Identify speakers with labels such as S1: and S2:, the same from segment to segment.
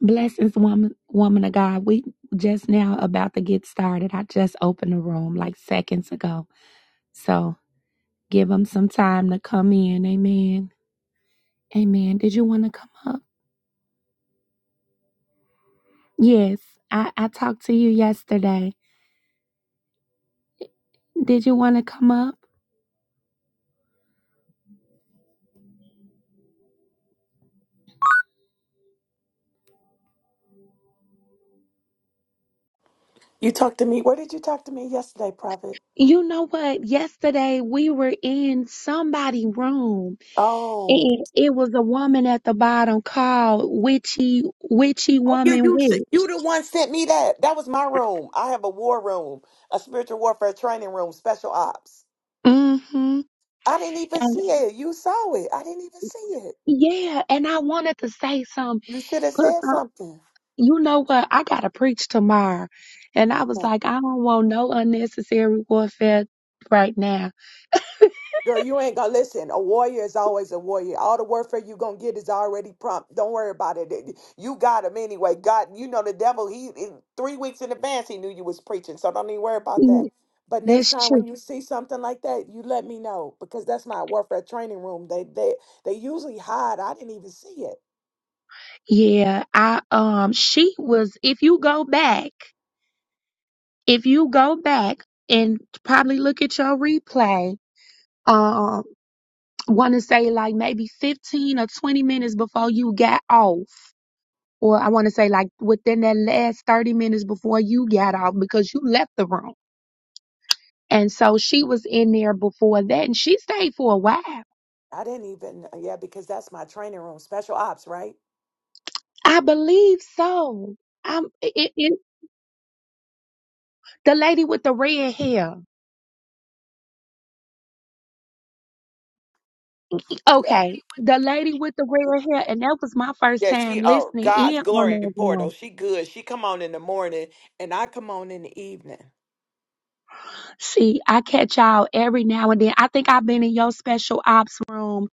S1: Blessings, woman, woman of God. We just now about to get started. I just opened the room like seconds ago. So give them some time to come in. Amen. Amen. Did you want to come up? Yes. I, I talked to you yesterday. Did you want to come up?
S2: You talked to me. Where did you talk to me yesterday, Prophet?
S1: You know what? Yesterday we were in somebody' room
S2: Oh,
S1: and it was a woman at the bottom called Witchy, Witchy
S2: oh, yeah,
S1: Woman
S2: you s-
S1: Witch.
S2: you the one sent me that. That was my room. I have a war room, a spiritual warfare training room, special ops.
S1: Mm-hmm.
S2: I didn't even
S1: And
S2: see it. You saw it. I didn't even see it.
S1: yeah, and I wanted to say something
S2: You should have
S1: put
S2: said
S1: on,
S2: something.
S1: you know what? I got to preach tomorrow. And I was like, I don't want no unnecessary warfare right now.
S2: Girl, you ain't gonna listen. A warrior is always a warrior. All the warfare you gonna get is already prompt. Don't worry about it. It- You got him anyway. God, you know the devil. He in three weeks in advance he knew you was preaching, so don't even worry about
S1: Mm,
S2: that. But next
S1: That's
S2: time
S1: true.
S2: when you see something like that, you let me know because that's my warfare training room. They they they usually hide. I didn't even see it.
S1: Yeah. I, um, she was, if you go back, if you go back and probably look at your replay, um, want to say like maybe 15 or 20 minutes before you got off. Or I want to say like within that last 30 minutes before you got off because you left the room And so she was in there before that and she stayed for a while.
S2: I didn't even yeah because that's my training room. Special ops, right?
S1: I believe so. I'm it, it, the lady with the red hair.
S2: Yeah.
S1: Okay, the lady with the red hair, and that was my first
S2: Yeah,
S1: time
S2: she oh
S1: listening
S2: God's
S1: in on
S2: glory
S1: that
S2: portal.
S1: room.
S2: She good. She come on in the morning and I come on in the evening.
S1: See, I catch y'all every now and then. I think I've been in your special ops room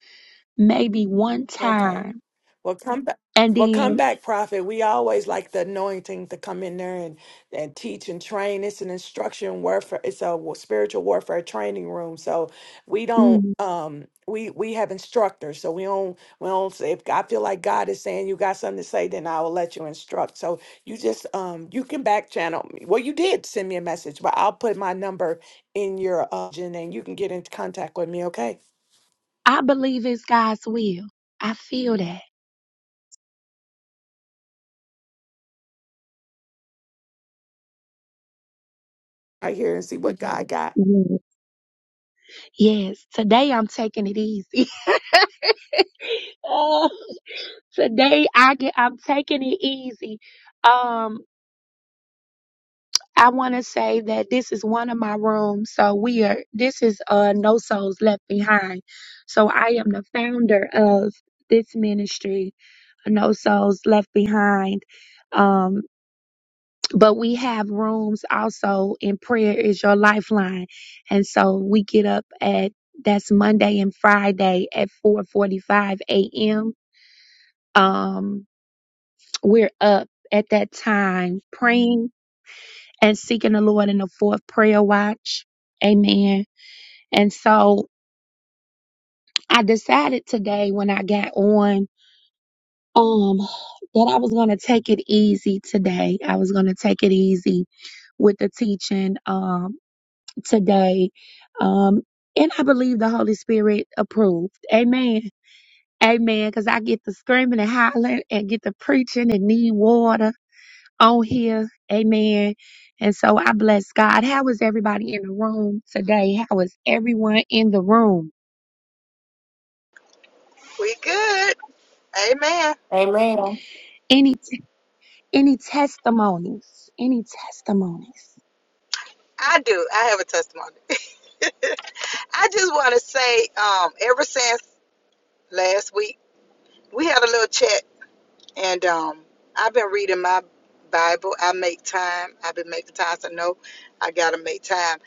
S1: maybe one
S2: Okay.
S1: time,
S2: Well, come back.
S1: and
S2: Well,
S1: then
S2: come back, prophet. We always like the anointing to come in there and, and teach and train. It's an instruction warfare. It's a wa- spiritual warfare training room. So we don't
S1: mm,
S2: um we we have instructors. So we don't we don't say if I feel like God is saying you got something to say, then I will let you instruct. So you just um you can back channel me. Well, you did send me a message, but I'll put my number in your uh, and you can get in contact with me. Okay,
S1: I believe it's God's will. I feel that.
S2: right here and see what God got.
S1: Yes, today I'm taking it easy. Oh, today I get I'm taking it easy. Um I want to say that this is one of my rooms, so we are this is uh No Souls Left Behind. So I am the founder of this ministry, No Souls Left Behind. Um. but we have rooms also in prayer is your lifeline and so we get up at that's monday and friday at 4.45 a.m um we're up at that time praying and seeking the lord in the fourth prayer watch amen and so i decided today when i got on um that i was going to take it easy today i was going to take it easy with the teaching. Um, today. Um, and I believe the Holy Spirit approved. Amen. Amen. Because I get to screaming and hollering and get to preaching and need water on here. Amen. And so I bless God. How is everybody in the room today? How is everyone in the room?
S3: We good. Amen.
S4: Amen.
S1: Any any testimonies? Any testimonies?
S3: I do. I have a testimony. I just want to say, um, ever since last week, we had a little chat, and um, I've been reading my Bible. I make time. I've been making time. So no, I gotta make time.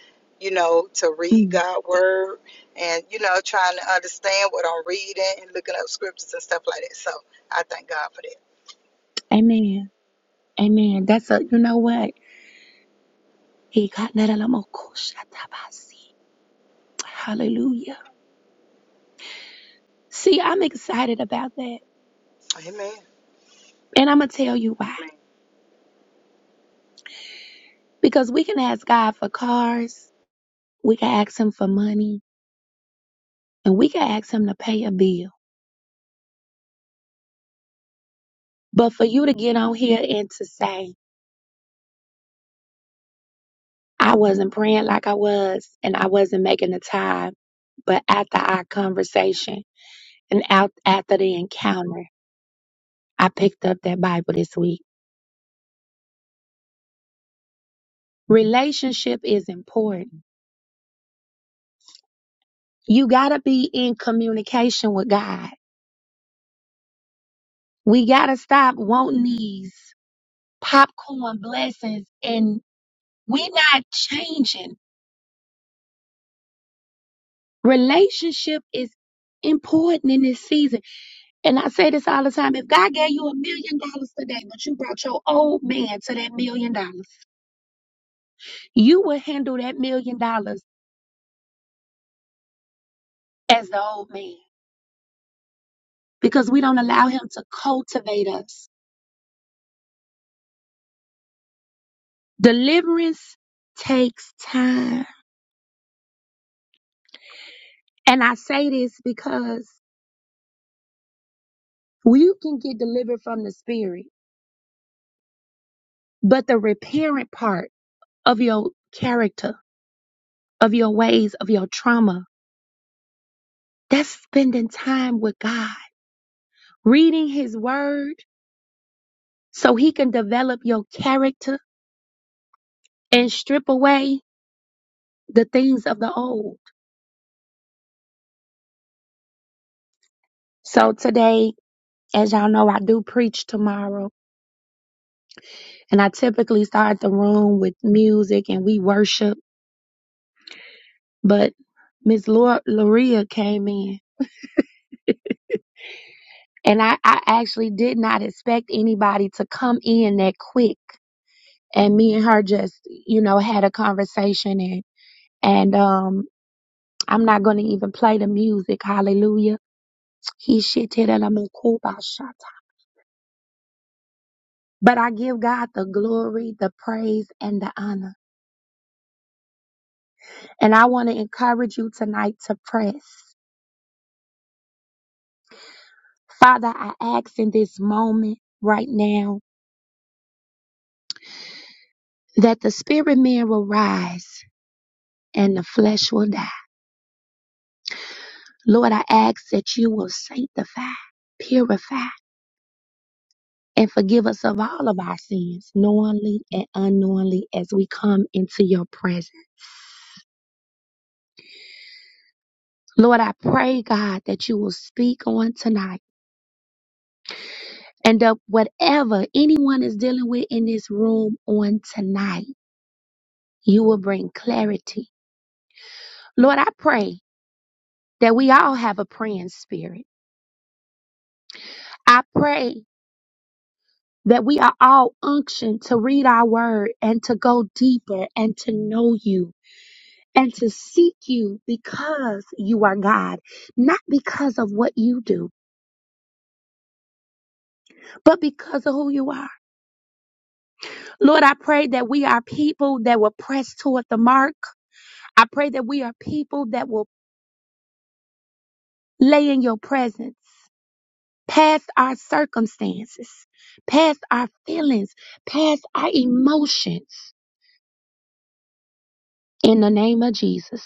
S3: You know, to read
S1: Mm.
S3: God's word, and you know, trying to understand what I'm reading and looking up scriptures and stuff like that. So I thank God for
S1: Amen. Amen. That's a you know what? He got Hallelujah. See, I'm excited about that.
S3: that. Amen.
S1: And I'm going to tell you why.
S3: Amen.
S1: Because we can ask God for cars, we can ask Him for money, and we can ask Him to pay a bill. But for you to get on here and to say, I wasn't praying like I was, and I wasn't making the time, but after our conversation and out after the encounter, I picked up that Bible this week. Relationship is important. You got to be in communication with God. We got to stop wanting these popcorn blessings and we're not changing. Relationship is important in this season. And I say this all the time. If God gave you a million dollars today, but you brought your old man to that million dollars, you will handle that million dollars as the old man because we don't allow him to cultivate us. Deliverance takes time. And I say this because you can get delivered from the spirit, but the repairing part of your character, of your ways, of your trauma. That's spending time with God, reading His Word so He can develop your character and strip away the things of the old. So today, as y'all know, I do preach tomorrow, and I typically start the room with music and we worship. But Miss Lor- Loria came in, and I, I actually did not expect anybody to come in that quick. and me and her just you know had a conversation and and um I'm not gonna even play the music. Hallelujah. He shit hit and I'm a cool by shot. But I give God the glory, the praise, and the honor. And I want to encourage you tonight to press. Father, I ask in this moment right now that the spirit man will rise and the flesh will die. Lord, I ask that you will sanctify, purify and forgive us of all of our sins, knowingly and unknowingly, as we come into your presence. Lord, I pray, God, that you will speak on tonight and that whatever anyone is dealing with in this room on tonight, you will bring clarity. Lord, I pray that we all have a praying spirit. I pray that we are all unctioned to read our word and to go deeper and to know you. and to seek you because you are God, not because of what you do, but because of who you are. Lord, I pray that we are people that will press toward the mark. I pray that we are people that will lay in your presence past our circumstances, past our feelings, past our emotions in the name of Jesus.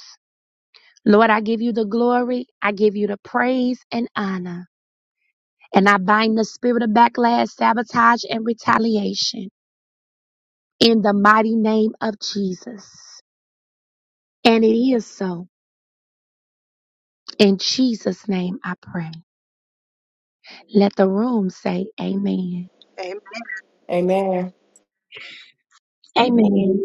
S1: Lord, I give you the glory. I give you the praise and honor. And I bind the spirit of backlash, sabotage, and retaliation. in the mighty name of Jesus. And it is so. In Jesus' name I pray. Let the room say amen.
S3: Amen.
S4: Amen.
S1: Amen.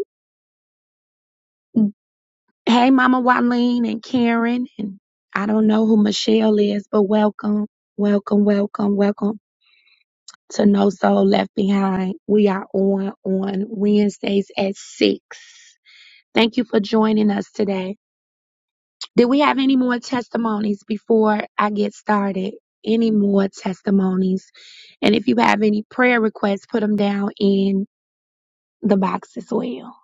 S1: Hey, Mama Wileen and Karen, and I don't know who Michelle is, but welcome, welcome, welcome, welcome to No Soul Left Behind. We are on on Wednesdays at 6. Thank you for joining us today. Do we have any more testimonies before I get started? Any more testimonies? And if you have any prayer requests, put them down in the box as well.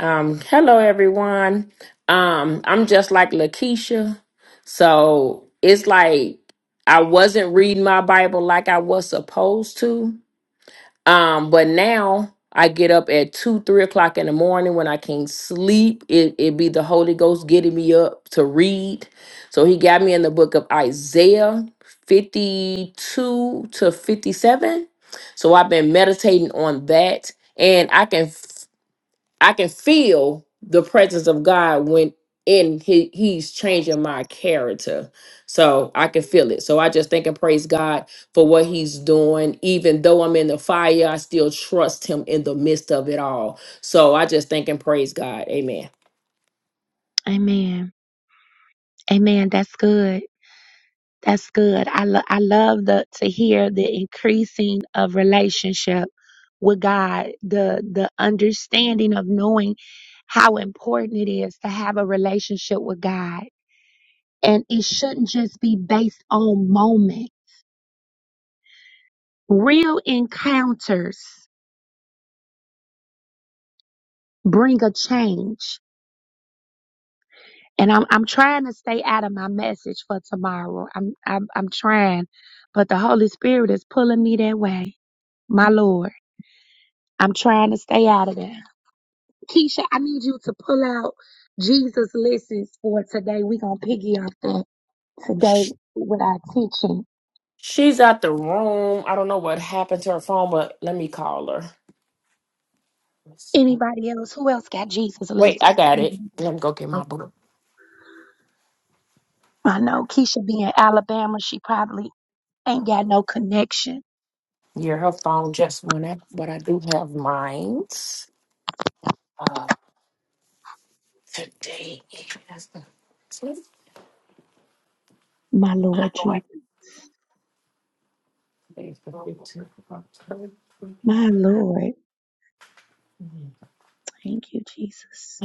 S4: Um, hello everyone. Um, I'm just like Lakeisha. So it's like I wasn't reading my Bible like I was supposed to. Um, but now I get up at two, three o'clock in the morning when I can't sleep. It it be the Holy Ghost getting me up to read. So he got me in the book of Isaiah 52 to 57. So I've been meditating on that and I can I can feel the presence of God when in he, he's changing my character. So I can feel it. So I just thank and praise God for what he's doing. Even though I'm in the fire, I still trust him in the midst of it all. So I just thank and praise God. Amen.
S1: Amen. Amen. That's good. That's good. I lo- I love the to hear the increasing of relationship with God, the the understanding of knowing how important it is to have a relationship with God. And it shouldn't just be based on moment. Real encounters bring a change. And I'm I'm trying to stay out of my message for tomorrow. I'm I'm I'm trying, but the Holy Spirit is pulling me that way. My Lord, I'm trying to stay out of that. Keisha, I need you to pull out Jesus listens for today. We're gonna piggy off that today
S4: Sh-
S1: with our teaching.
S4: She's out the room. I don't know what happened to her phone, but let me call her. Let's see.
S1: Anybody else? Who else got Jesus
S4: Wait, I
S1: listens?
S4: got it. Let me go get my book.
S1: I know Keisha being Alabama, she probably ain't got no connection.
S4: Yeah, her phone just went out, but I do have mine. Today is the
S1: My Lord Jesus. My Lord, thank you, Jesus.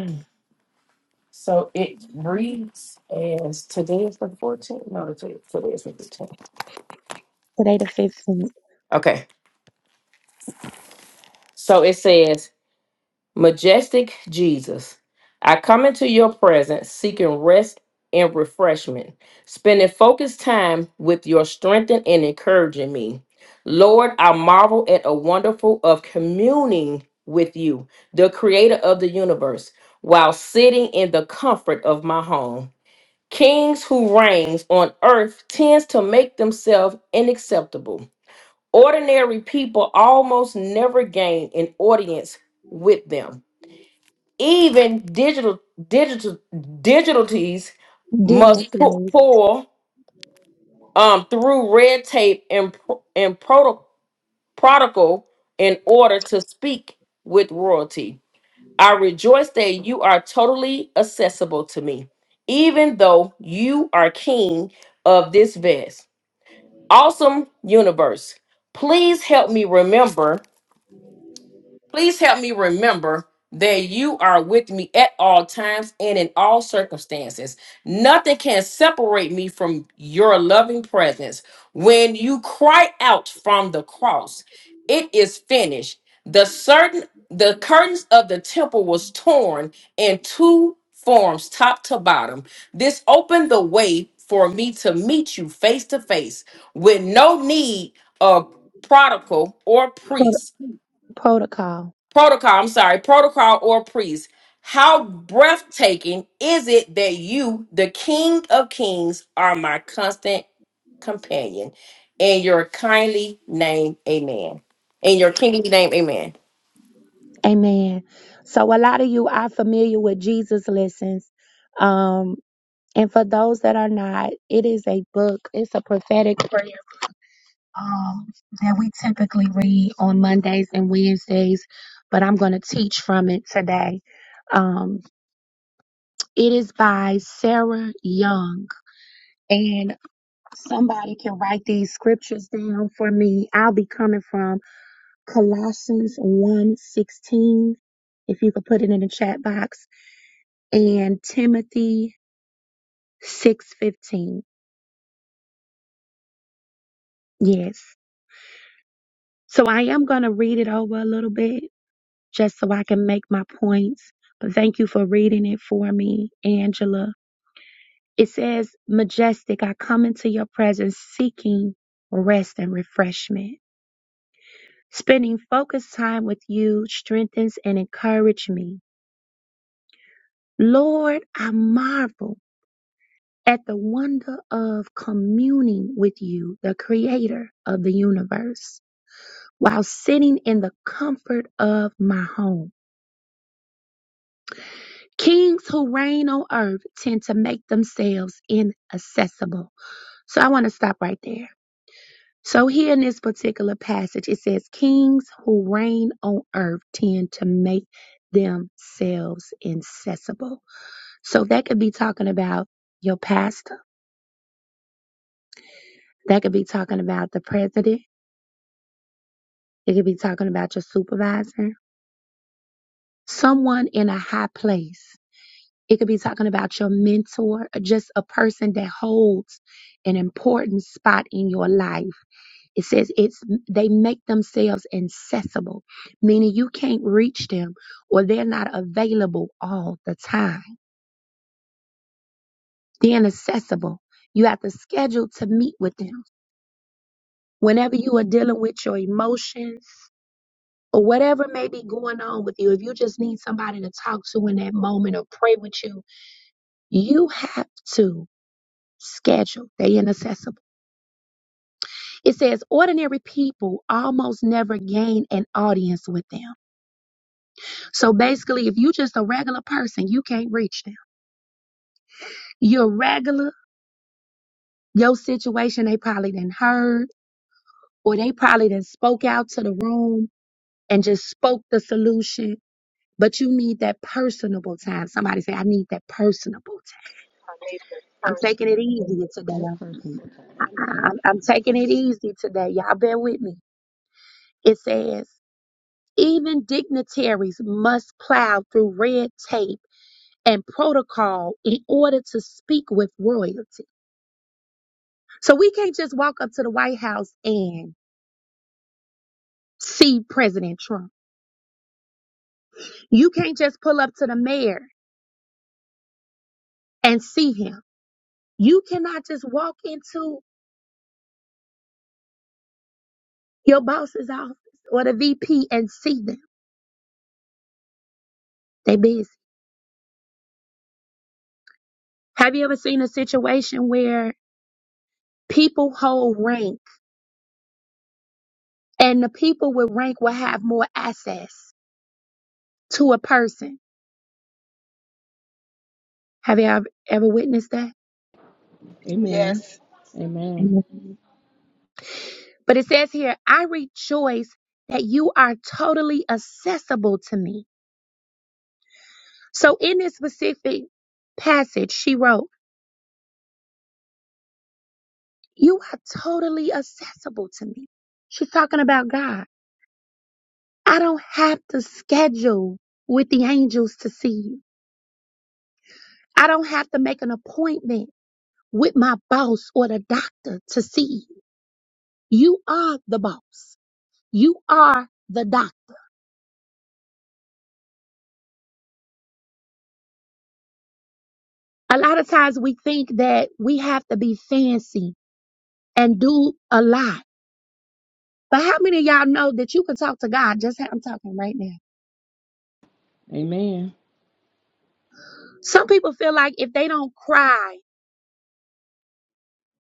S4: So it reads as today is the 14th. No, today today is the 10th.
S1: Today, the 15th,
S4: Okay. So it says Majestic Jesus, I come into your presence seeking rest and refreshment, spending focused time with your strengthening and encouraging me. Lord, I marvel at a wonderful of communing with you, the creator of the universe, while sitting in the comfort of my home. Kings who reigns on earth tends to make themselves unacceptable. Ordinary people almost never gain an audience with them. Even digital digital digitalities must pu-
S1: dignitaries,
S4: pull um, through red tape and pro- and proto- protocol in order to speak with royalty. I rejoice that you are totally accessible to me, even though you are king of this vast, awesome universe. Please help me remember Please help me remember that you are with me at all times and in all circumstances. Nothing can separate me from your loving presence. When you cry out from the cross, it is finished. The certain the curtains of the temple was torn in two forms, top to bottom. This opened the way for me to meet you face to face with no need of prodigal or
S1: pro-
S4: priest
S1: protocol.
S4: protocol, I'm sorry, protocol or priest. How breathtaking is it that you, the King of Kings, are my constant companion? In your kindly name, amen. In your kingly name, amen.
S1: Amen. So, a lot of you are familiar with Jesus' lessons. Um, and for those that are not, it is a book, it's a prophetic prayer um, that we typically read on Mondays and Wednesdays, but I'm going to teach from it today. Um, it is by Sarah Young. Somebody can write these scriptures down for me. I'll be coming from Colossians 1:16 if you could put it in the chat box and Timothy 6:15. Yes. So I am going to read it over a little bit just so I can make my points. But thank you for reading it for me, Angela. It says, "Majestic, I come into your presence seeking rest and refreshment." Spending focused time with you strengthens and encourages me. Lord, I marvel at the wonder of communing with you, the creator of the universe, while sitting in the comfort of my home. Kings who reign on earth tend to make themselves inaccessible. So I want to stop right there. So here in this particular passage, it says, Kings who reign on earth tend to make themselves inaccessible So that could be talking about your pastor. That could be talking about the president. It could be talking about your supervisor, someone in a high place. It could be talking about your mentor, just a person that holds an important spot in your life. It says it's they make themselves accessible, meaning you can't reach them or they're not available all the time. They're inaccessible. You have to schedule to meet with them. Whenever you are dealing with your emotions, or whatever may be going on with you, if you just need somebody to talk to in that moment or pray with you, you have to schedule the inaccessible. It says ordinary people almost never gain an audience with them. So basically, if you just a regular person, you can't reach them. You're regular, your situation they probably didn't heard, or they probably didn't spoke out to the room and just spoke the solution. But you need that personable time. Somebody say, I need that personable time I'm taking it easy today. I, I, I'm I'm taking it easy today. Y'all bear with me. It says, even dignitaries must plow through red tape and protocol in order to speak with royalty. So we can't just walk up to the White House and see President Trump. You can't just pull up to the mayor and see him. You cannot just walk into your boss's office or the VP and see them. They busy. Have you ever seen a situation where People hold rank, and the people with rank will have more access to a person. Have you ever ever witnessed that?
S4: Amen.
S3: Yes.
S4: Amen.
S1: Mhm. But it says here, I rejoice that you are totally accessible to me. So in this specific passage, she wrote, You are totally accessible to me. She's talking about God. I don't have to schedule with the angels to see you. I don't have to make an appointment with my boss or the doctor to see you. You are the boss. You are the doc. A lot of times we think that we have to be fancy and do a lot. But how many of y'all know that you can talk to God just how I'm talking right now? Some people feel like if they don't cry,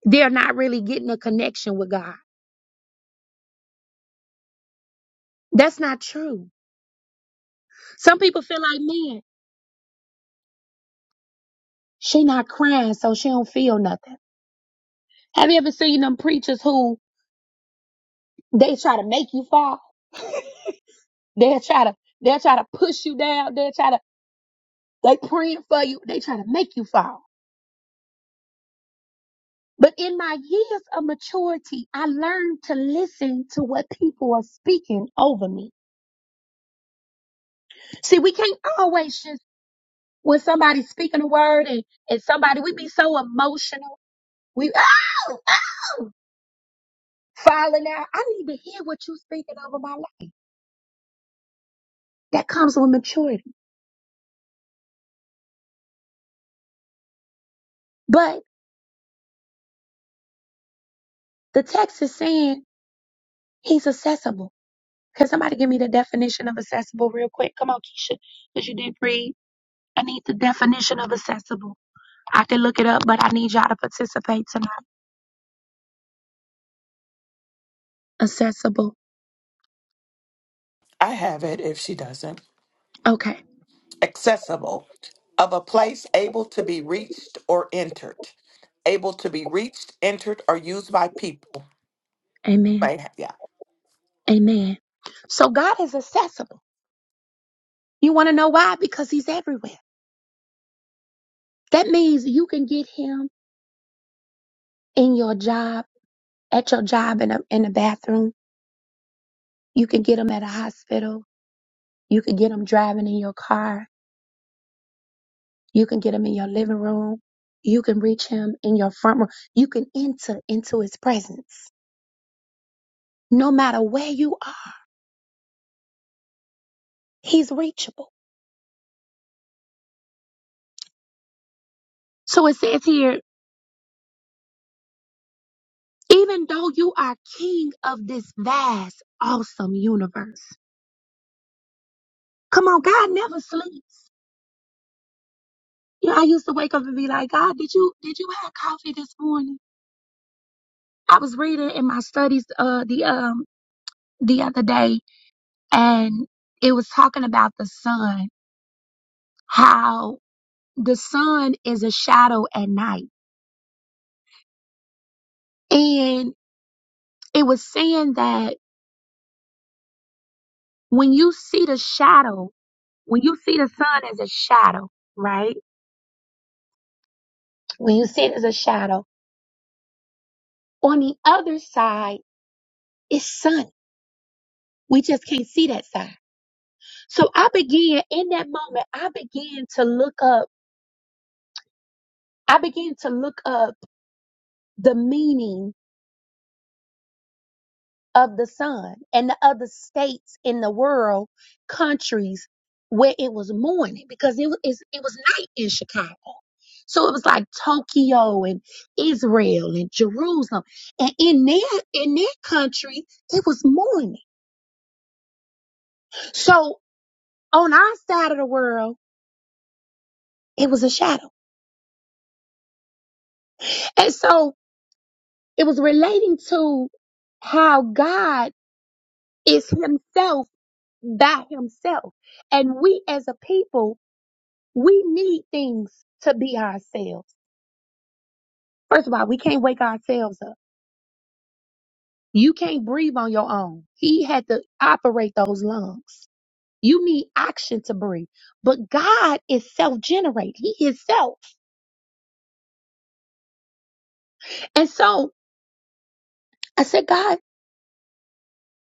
S1: they're not really getting a connection with God. That's not true. Some people feel like, man, she not crying, so she don't feel nothing. Have you ever seen them preachers who they try to make you fall? They'll try to they'll try to push you down. They'll try to They praying for you. They trying to make you fall. But in my years of maturity, I learned to listen to what people are speaking over me. See, we can't always just when somebody's speaking a word and, and somebody we be so emotional, we oh, oh falling out. I need to hear what you speaking over my life. That comes with maturity. But the text is saying he's accessible. Can somebody give me the definition of accessible real quick? Come on, Keisha, because you did read. I need the definition of accessible. I can look it up, but I need y'all to participate tonight. Accessible.
S2: I have it if she doesn't.
S1: Okay.
S2: Accessible, of a place able to be reached or entered. Able to be reached, entered, or used by people.
S1: Amen.
S2: Right, Yeah.
S1: Amen. So God is accessible. You want to know why? Because he's everywhere. That means you can get him in your job, at your job in a, in the bathroom. You can get him at a hospital. You can get him driving in your car. You can get him in your living room. You can reach him in your front room. You can enter into his presence. No matter where you are, he's reachable. So it says here, even though you are king of this vast, awesome universe. Come on, God never sleeps. You know, I used to wake up and be like, God, did you did you have coffee this morning? I was reading in my studies uh the um the other day and it was talking about the sun, how the sun is a shadow at night. And it was saying that when you see the shadow, when you see the sun as a shadow, right? When you sit as a shadow, on the other side is sun. We just can't see that side. So I began in that moment, I began to look up, I began to look up the meaning of the sun and the other states in the world, countries where it was morning because it was, it was night in Chicago. So it was like Tokyo and Israel and Jerusalem. And in their in their country, it was morning. So on our side of the world, it was a shadow. And so it was relating to how God is himself by himself. And we as a people, we need things to be ourselves. First of all, we can't wake ourselves up. You can't breathe on your own. He had to operate those lungs. You need oxygen to breathe. But God is self generated. He is self. And so I said, God,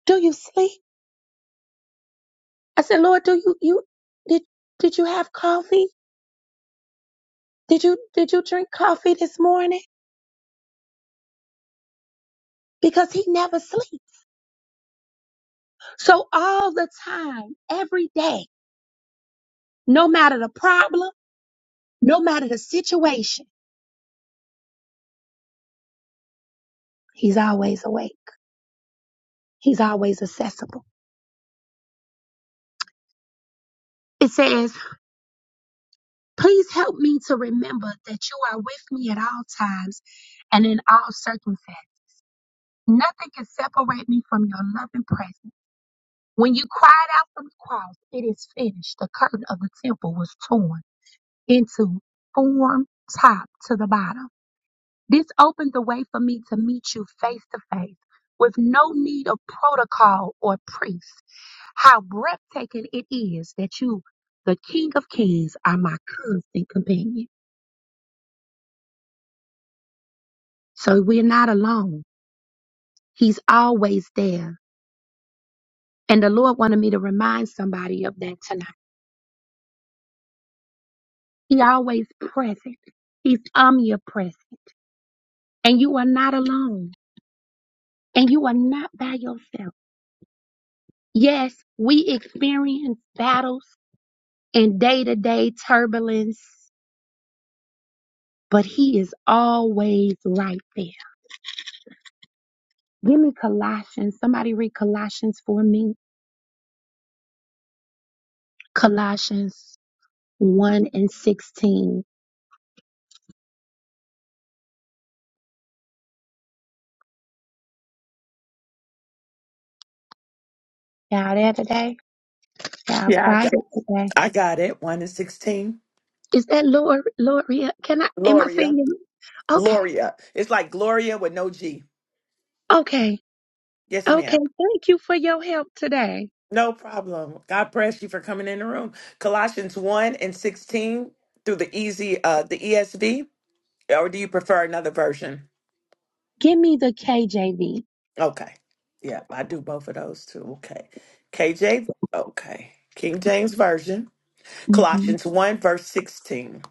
S1: do you sleep? I said, Lord, do you you did did you have coffee? Did you did you drink coffee this morning? Because he never sleeps. So all the time, every day, no matter the problem, no matter the situation, he's always awake. He's always accessible. It says, please help me to remember that you are with me at all times and in all circumstances. Nothing can separate me from your loving presence. When you cried out from the cross, it is finished. The curtain of the temple was torn into form top to the bottom. This opened the way for me to meet you face to face with no need of protocol or priest. How breathtaking it is that you, the King of Kings, are my constant companion. So we're not alone. He's always there. And the Lord wanted me to remind somebody of that tonight. He always present. He's omnipresent. And you are not alone. And you are not by yourself. Yes, we experience battles and day to day turbulence, but He is always right there. Give me Colossians. Somebody read Colossians for me. Colossians 1 and 16. Y'all there today? Y'all
S2: Yeah, I
S1: quiet
S2: got,
S1: today?
S2: I got it. One and 16.
S1: Is that Lord, Lord, can I, am I saying
S2: Gloria.
S1: it? Okay,
S2: Gloria. It's like Gloria with no G.
S1: okay,
S2: Yes,
S1: okay.
S2: ma'am.
S1: Thank you for your help today.
S2: No problem. God bless you for coming in the room. Colossians 1 and 16 through the easy, uh, the ESV, or do you prefer another version?
S1: Give me the KJV.
S2: Okay. Yeah, I do both of those too. Okay. KJ, okay. King James Version, Colossians 1, verse 16. Let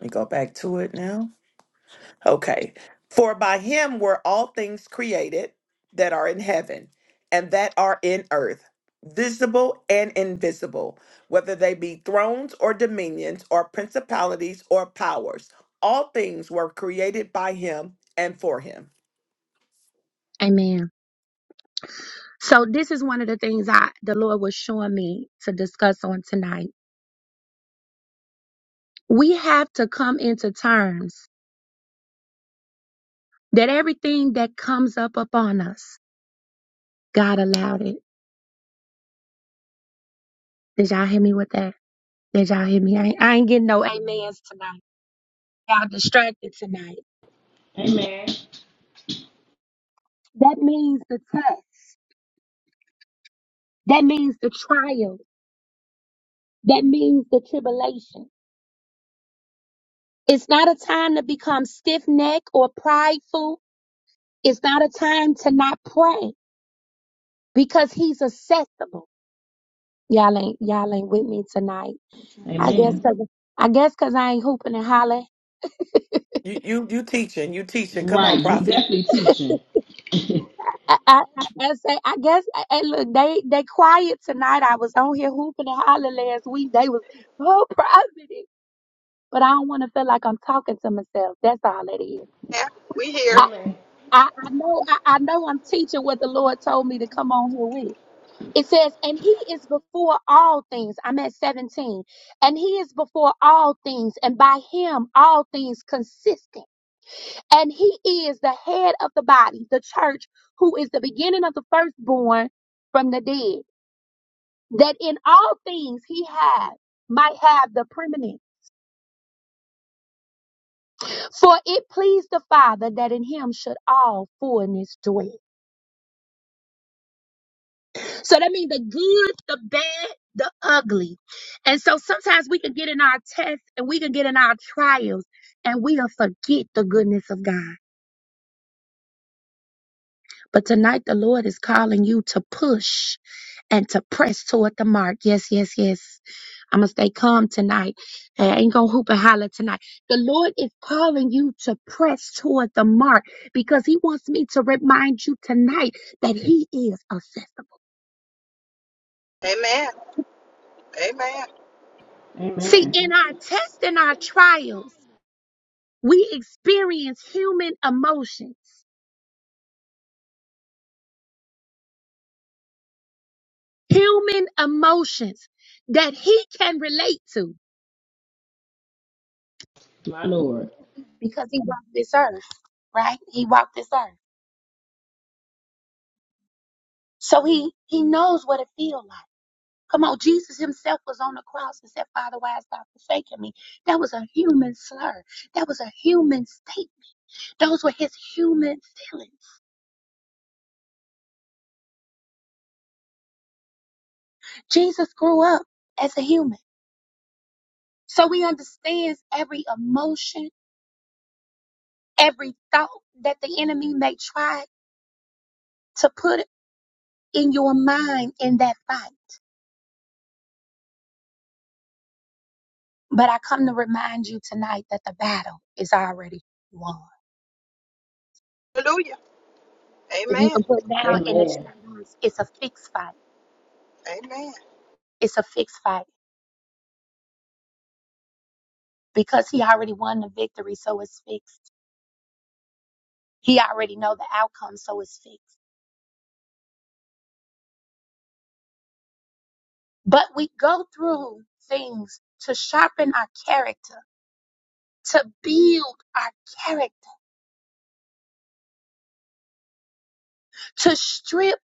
S2: me go back to it now. Okay. For by him were all things created that are in heaven and that are in earth, visible and invisible, whether they be thrones or dominions or principalities or powers. All things were created by him and for him.
S1: Amen. So this is one of the things I the Lord was showing me to discuss on tonight. We have to come into terms that everything that comes up upon us, God allowed it. Did y'all hear me with that? Did y'all hear me? I ain't, I ain't getting no amens tonight. Y'all distracted tonight.
S4: Amen.
S1: That means the test. That means the trial. That means the tribulation. It's not a time to become stiff necked or prideful. It's not a time to not pray. because he's accessible. Y'all ain't y'all ain't with me tonight. I guess cause
S4: Amen.
S1: I guess cause I ain't hooping and hollering.
S2: You you you teaching, you teaching. Come
S4: Right.
S2: on,
S4: You
S2: prophet.
S4: definitely teaching.
S1: I, I, I, I say I guess Hey, look they they quiet tonight. I was on here hooping and hollering last week. They was oh private, but I don't want to feel like I'm talking to myself. That's all it is.
S3: Yeah, we here.
S1: I
S4: Amen.
S1: I, I know I, I know I'm teaching what the Lord told me to come on here with. It says, and he is before all things. I'm at 17. And he is before all things, and by him all things consistent. And he is the head of the body, the church, who is the beginning of the firstborn from the dead, that in all things he had might have the preeminence. For it pleased the Father that in him should all fullness dwell. So that means the good, the bad, the ugly. And so sometimes we can get in our tests and we can get in our trials and we'll forget the goodness of God. But tonight the Lord is calling you to push and to press toward the mark. Yes, yes, yes. I'm going to stay calm tonight. Hey, I ain't going to hoop and holler tonight. The Lord is calling you to press toward the mark because He wants me to remind you tonight that He is accessible.
S3: Amen. Amen.
S1: See,
S4: Amen.
S1: in our tests and our trials, we experience human emotions, human emotions that he can relate to
S4: My Lord.
S1: because he walked this earth, right? He walked this earth. So he, he knows what it feels like. Come on, Jesus himself was on the cross and said, Father, why hast thou forsaken me? That was a human slur. That was a human statement. Those were his human feelings. Jesus grew up as a human. So he understands every emotion, every thought that the enemy may try to put in your mind in that fight. But I come to remind you tonight that the battle is already won.
S3: Hallelujah.
S1: If you
S3: Amen.
S1: can put down in the
S4: Amen.
S1: chat box, it's a fixed fight.
S3: Amen.
S1: It's a fixed fight because he already won the victory, so it's fixed. He already know the outcome, so it's fixed. But we go through things to sharpen our character, to build our character, to strip,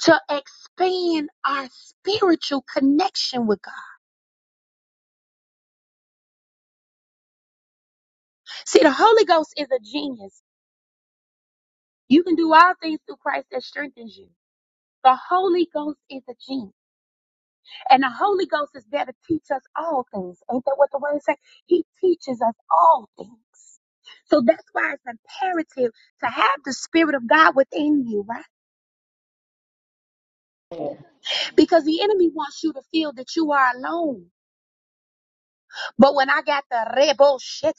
S1: to expand our spiritual connection with God See, the Holy Ghost is a genius. You can do all things through Christ that strengthens you. The Holy Ghost is a genius. And the Holy Ghost is there to teach us all things. Ain't that what the word says? He teaches us all things. So that's why it's imperative to have the Spirit of God within you, right? Because the enemy wants you to feel that you are alone. But when I got the rebo shit,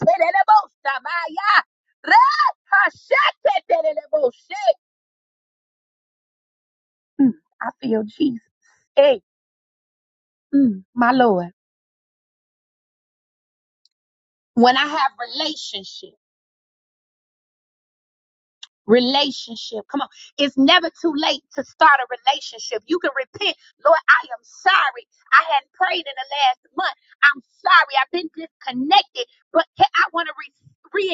S1: I feel Jesus. Hey. Mm, my Lord. When I have relationship, relationship, come on. It's never too late to start a relationship. You can repent. Lord, I am sorry. I hadn't prayed in the last month. I'm sorry. I've been disconnected, but ca- I want to re-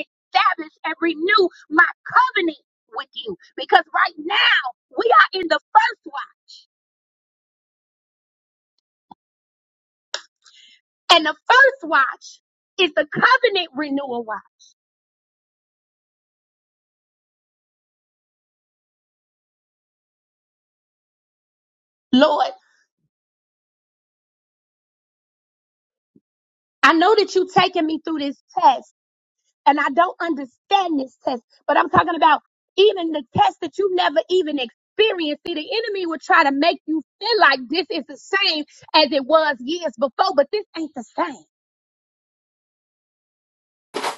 S1: reestablish and renew my covenant with you because right now we are in the first watch and the first watch is the covenant renewal watch. Lord, I know that you're taking me through this test And I don't understand this test, but I'm talking about even the test that you never even experienced. See, the enemy will try to make you feel like this is the same as it was years before, but this ain't the same.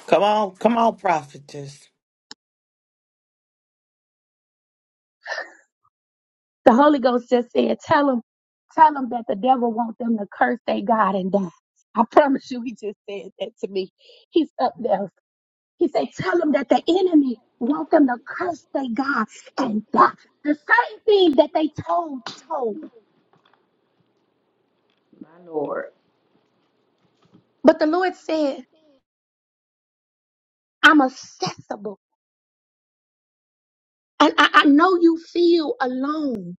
S2: Come on, come on, prophetess.
S1: The Holy Ghost just said, tell them, tell them that the devil wants them to curse their God and die. I promise you, he just said that to me. He's up there. He said, tell them that the enemy wants them to curse their God and die. The same thing that they told Job.
S4: My Lord.
S1: But the Lord said, I'm accessible. And I, I know you feel alone,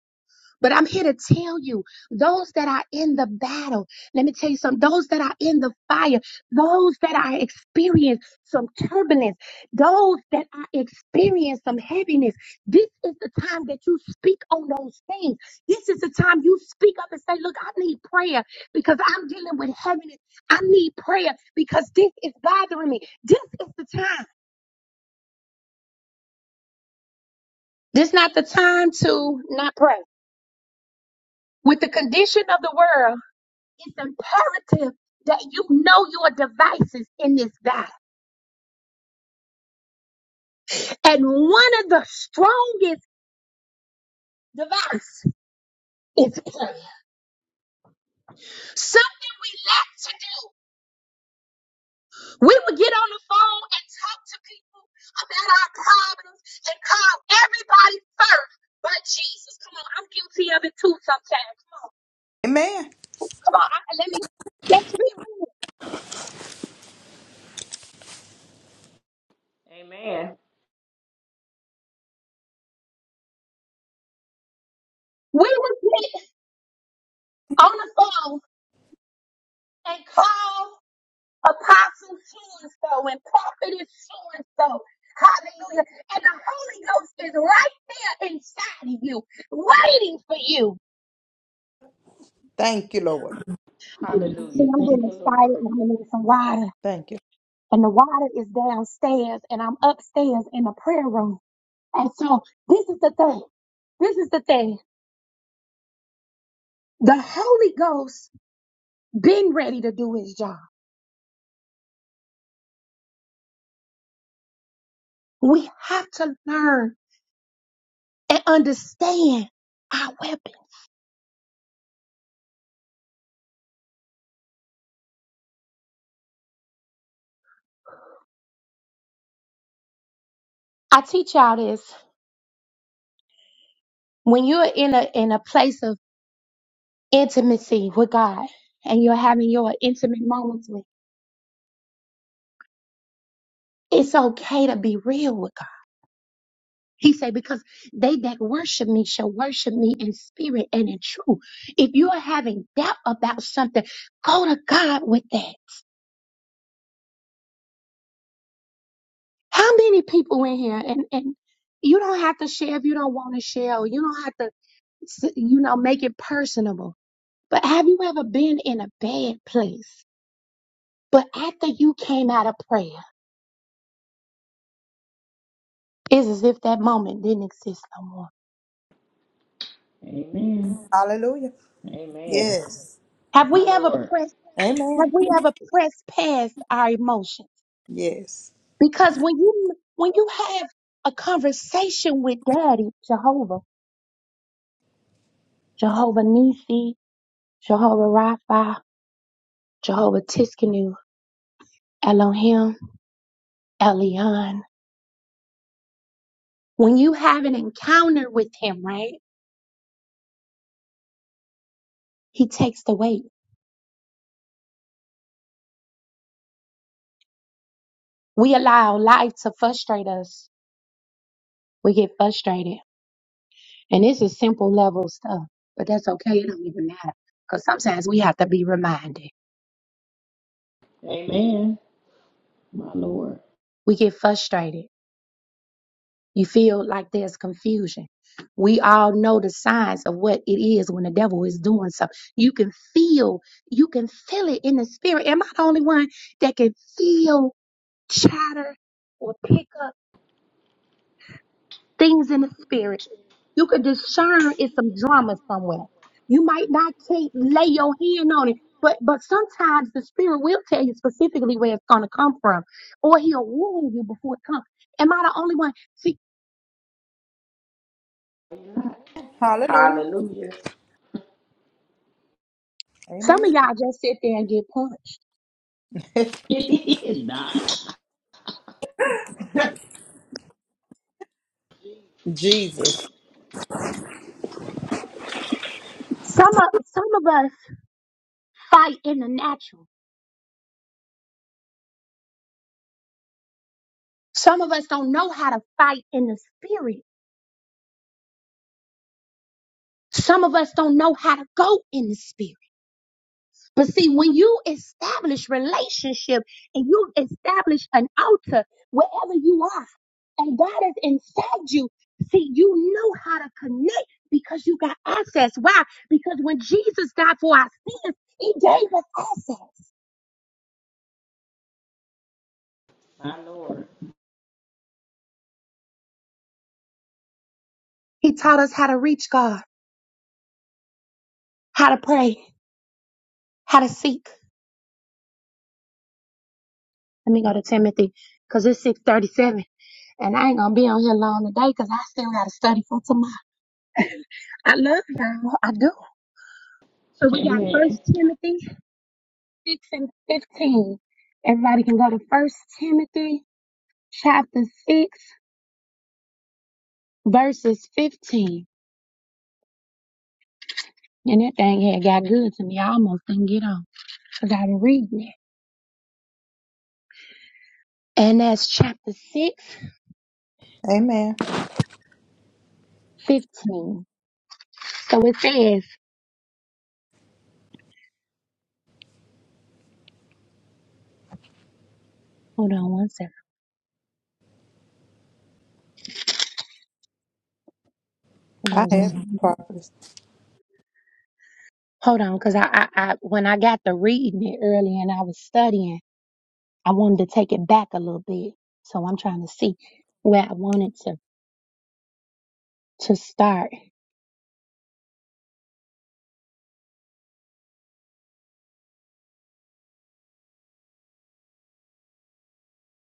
S1: but I'm here to tell you those that are in the battle, let me tell you something, those that are in the fire, those that are experiencing some turbulence, those that are experiencing some heaviness, this is the time that you speak on those things. This is the time you speak up and say, Look, I need prayer because I'm dealing with heaviness. I need prayer because this is bothering me. This is the time. This not the time to not pray. With the condition of the world, it's imperative that you know your devices in this battle. And one of the strongest devices is prayer. Something we lack to do. We would get on the phone and talk to people about our problems and call everybody first but Jesus. Come on, I'm guilty of it too sometimes. Come on,
S3: Amen.
S1: come on, I, let me, let's be real.
S4: Amen.
S1: We would get on the phone and call. Apostle so and prophetess so. Hallelujah. And the Holy Ghost is right there inside of you, waiting for you. See,
S4: Hallelujah.
S1: I'm getting
S4: Thank you,
S1: excited
S4: Lord.
S1: and I'm gonna need some water. And the water is downstairs and I'm upstairs in the prayer room. And so this is the thing. This is the thing. The Holy Ghost been ready to do his job. We have to learn and understand our weapon. I teach y'all this. When you're in a in a place of intimacy with God and you're having your intimate moments with. It's okay to be real with God. He said, because they that worship me shall worship me in spirit and in truth. If you are having doubt about something, go to God with that. How many people in here and, and you don't have to share if you don't want to share or you don't have to, s- you know, make it personable. But have you ever been in a bad place? But after you came out of prayer, it's as if that moment didn't exist no more
S4: Amen.
S3: Hallelujah.
S4: Amen.
S3: Yes.
S1: Have
S4: My
S1: we ever
S4: Lord.
S1: pressed?
S3: Amen.
S1: Have we ever pressed past our emotions?
S3: Yes.
S1: Because when you when you have a conversation with Daddy Jehovah, Jehovah Nisi, Jehovah Rapha, Jehovah Tiskanu, Elohim, Elion, when you have an encounter with Him, right? He takes the weight. We allow life to frustrate us. We get frustrated, and this is simple level stuff, but that's okay. It don't even matter because sometimes we have to be reminded.
S4: Amen. My Lord.
S1: We get frustrated. You feel like there's confusion. We all know the signs of what it is when the devil is doing something. You can feel, you can feel it in the spirit. Am I the only one that can feel chatter or pick up things in the spirit? You can discern it's some drama somewhere. You might not can't lay your hand on it, but but sometimes the spirit will tell you specifically where it's gonna come from, or he'll warn you before it comes. Am I the only one? See.
S3: Hallelujah.
S4: Hallelujah.
S1: Some of
S3: Amen.
S1: y'all just sit there and get punched.
S4: It is not.
S3: Jesus.
S1: Some of some of us fight in the natural. Some of us don't know how to fight in the spirit. Some of us don't know how to go in the spirit. But see, when you establish relationship and you establish an altar wherever you are, and God is inside you, see, you know how to connect because you got access. Why? Because when Jesus died for our sins, He gave us access.
S4: My Lord.
S1: He taught us how to reach God, how to pray, how to seek. Let me go to Timothy because it's 637 and I ain't going to be on here long today because I still got to study for tomorrow. I love y'all. I do. So we got
S4: Amen.
S1: First Timothy 6 and 15. Everybody can go to First Timothy chapter 6 verses 15. And that thing here got good to me. I almost didn't get on because I was reading it. And that's chapter 6
S3: Amen.
S1: 15. So it says, hold on one
S3: I
S1: second.
S3: have properties.
S1: Hold on, because I, I, I, when I got to reading it early and I was studying, I wanted to take it back a little bit. So I'm trying to see where I wanted to, to start.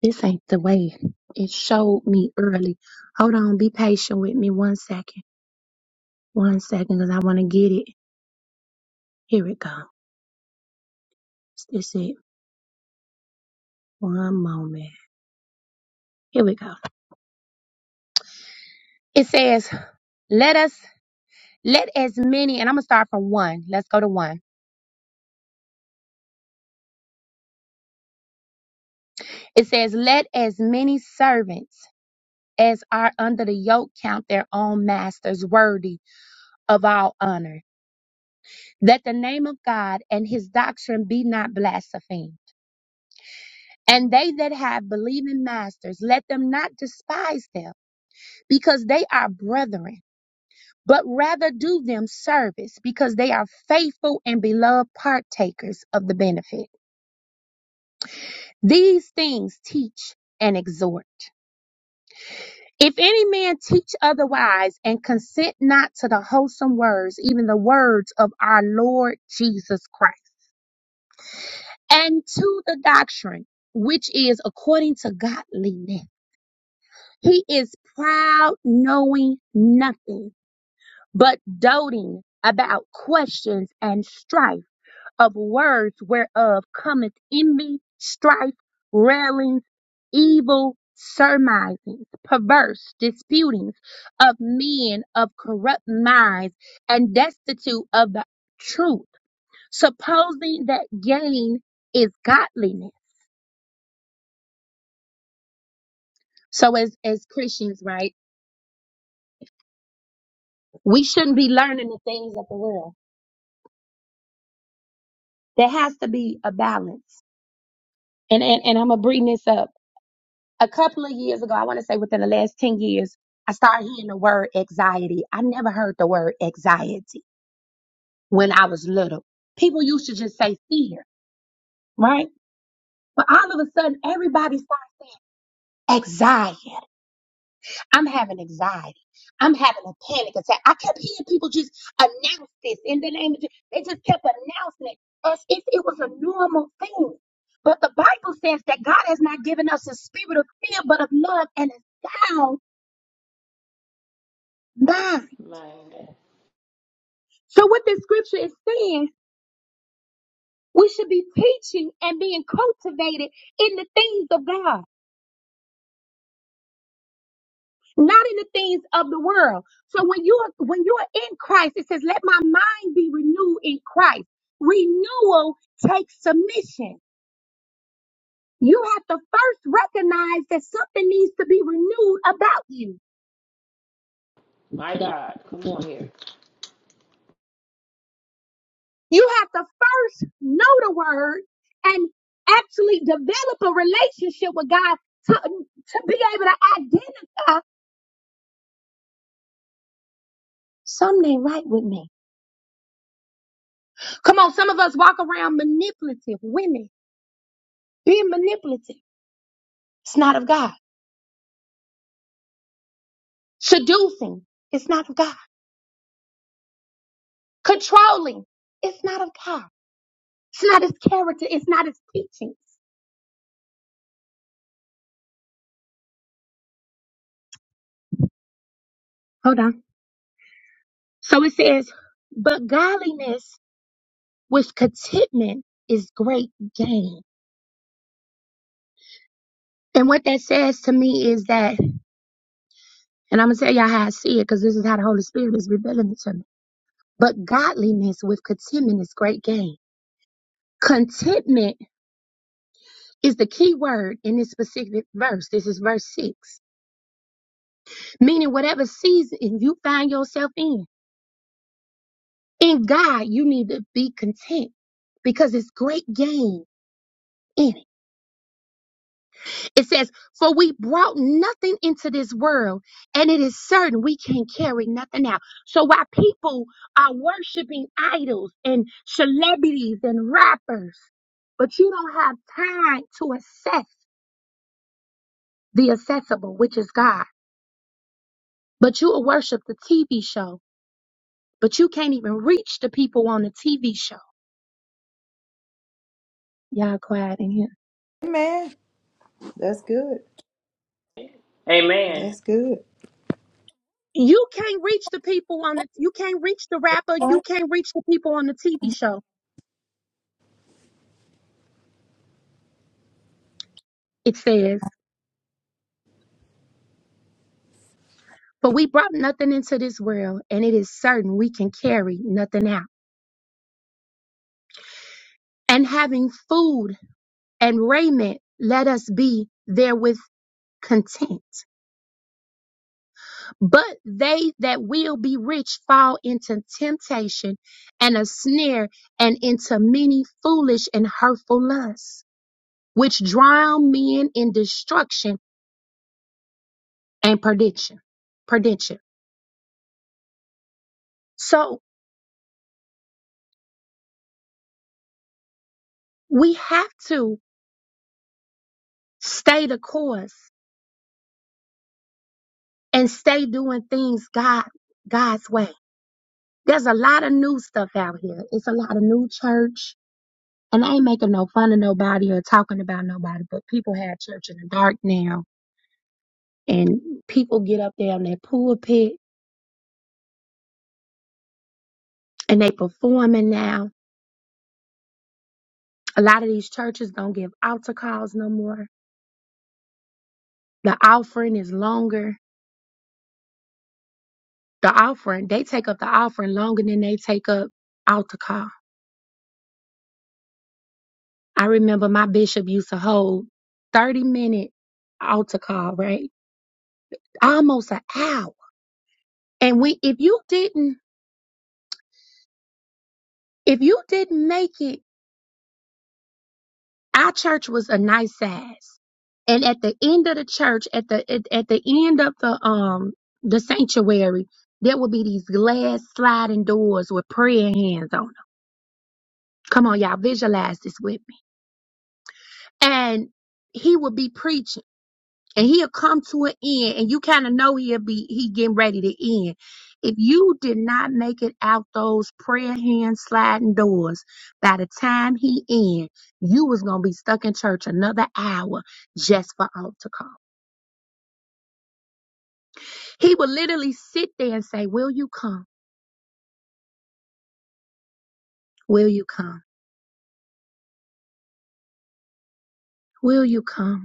S1: This ain't the way it showed me early. Hold on, be patient with me one second. One second, because I want to get it. Here it goes. This it. One moment. Here we go. It says, let us, let as many, and I'm going to start from one. Let's go to one. It says, let as many servants as are under the yoke count their own masters worthy of all honor. That the name of God and his doctrine be not blasphemed. And they that have believing masters, let them not despise them, because they are brethren, but rather do them service, because they are faithful and beloved partakers of the benefit. These things teach and exhort. If any man teach otherwise and consent not to the wholesome words, even the words of our Lord Jesus Christ, and to the doctrine which is according to godliness, he is proud, knowing nothing, but doting about questions and strife of words whereof cometh envy, strife, railings, evil surmisings, perverse disputings of men of corrupt minds and destitute of the truth, supposing that gain is godliness. So as, as Christians, right, we shouldn't be learning the things of the world. There has to be a balance. And, and, and I'm going to bring this up. a couple of years ago, I want to say within the last 10 years, I started hearing the word anxiety. I never heard the word anxiety when I was little. People used to just say fear, right? But all of a sudden, everybody started saying anxiety. I'm having anxiety. I'm having a panic attack. I kept hearing people just announce this in the name of Jesus. They just kept announcing it as if it was a normal thing. But the Bible says that God has not given us a spirit of fear, but of love and a sound mind.
S4: My God.
S1: So what this scripture is saying, we should be teaching and being cultivated in the things of God, not in the things of the world. So when you are when you are in Christ, it says, "Let my mind be renewed in Christ." Renewal takes submission. You have to first recognize that something needs to be renewed about you.
S4: My God. Come on here.
S1: You have to first know the word and actually develop a relationship with God to, to be able to identify Something ain't right with me. Come on, some of us walk around manipulative women, being manipulative. It's not of God. Seducing. It's not of God. Controlling. It's not of God. It's not his character. It's not his teachings. Hold on. So it says, but godliness with contentment is great gain. And what that says to me is that, and I'm going to tell y'all how I see it because this is how the Holy Spirit is revealing it to me. But godliness with contentment is great gain. Contentment is the key word in this specific verse. This is verse six, meaning whatever season you find yourself in, in God, you need to be content because it's great gain in it. It says, For we brought nothing into this world, and it is certain we can't carry nothing out. So while people are worshiping idols and celebrities and rappers, but you don't have time to assess the accessible, which is God, but you will worship the TV show but you can't even reach the people on the TV show. Y'all quiet in here.
S3: Amen. That's good.
S4: Amen.
S3: That's good.
S1: You can't reach the people on the, you can't reach the rapper, you can't reach the people on the TV show. It says, but we brought nothing into this world and it is certain we can carry nothing out. And having food and raiment, let us be therewith content. But they that will be rich fall into temptation and a snare and into many foolish and hurtful lusts which drown men in destruction and perdition. Perdition. So we have to stay the course and stay doing things God God's way. There's a lot of new stuff out here. It's a lot of new church. And I ain't making no fun of nobody or talking about nobody, but people have church in the dark now. And people get up there on their pulpit and they performing now. A lot of these churches don't give altar calls no more. The offering is longer the offering, they take up the offering longer than they take up altar call. I remember my bishop used to hold 30 minute altar call, right? Almost an hour. And we, if you didn't, if you didn't make it, our church was a nice size. And at the end of the church, at the, at, at the end of the, um, the sanctuary, there would be these glass sliding doors with prayer hands on them. Come on, y'all, visualize this with me. And he would be preaching and he'll come to an end and you kind of know he'll be he getting ready to end if you did not make it out those prayer hand sliding doors by the time he end you was gonna be stuck in church another hour just for altar call he would literally sit there and say will you come will you come will you come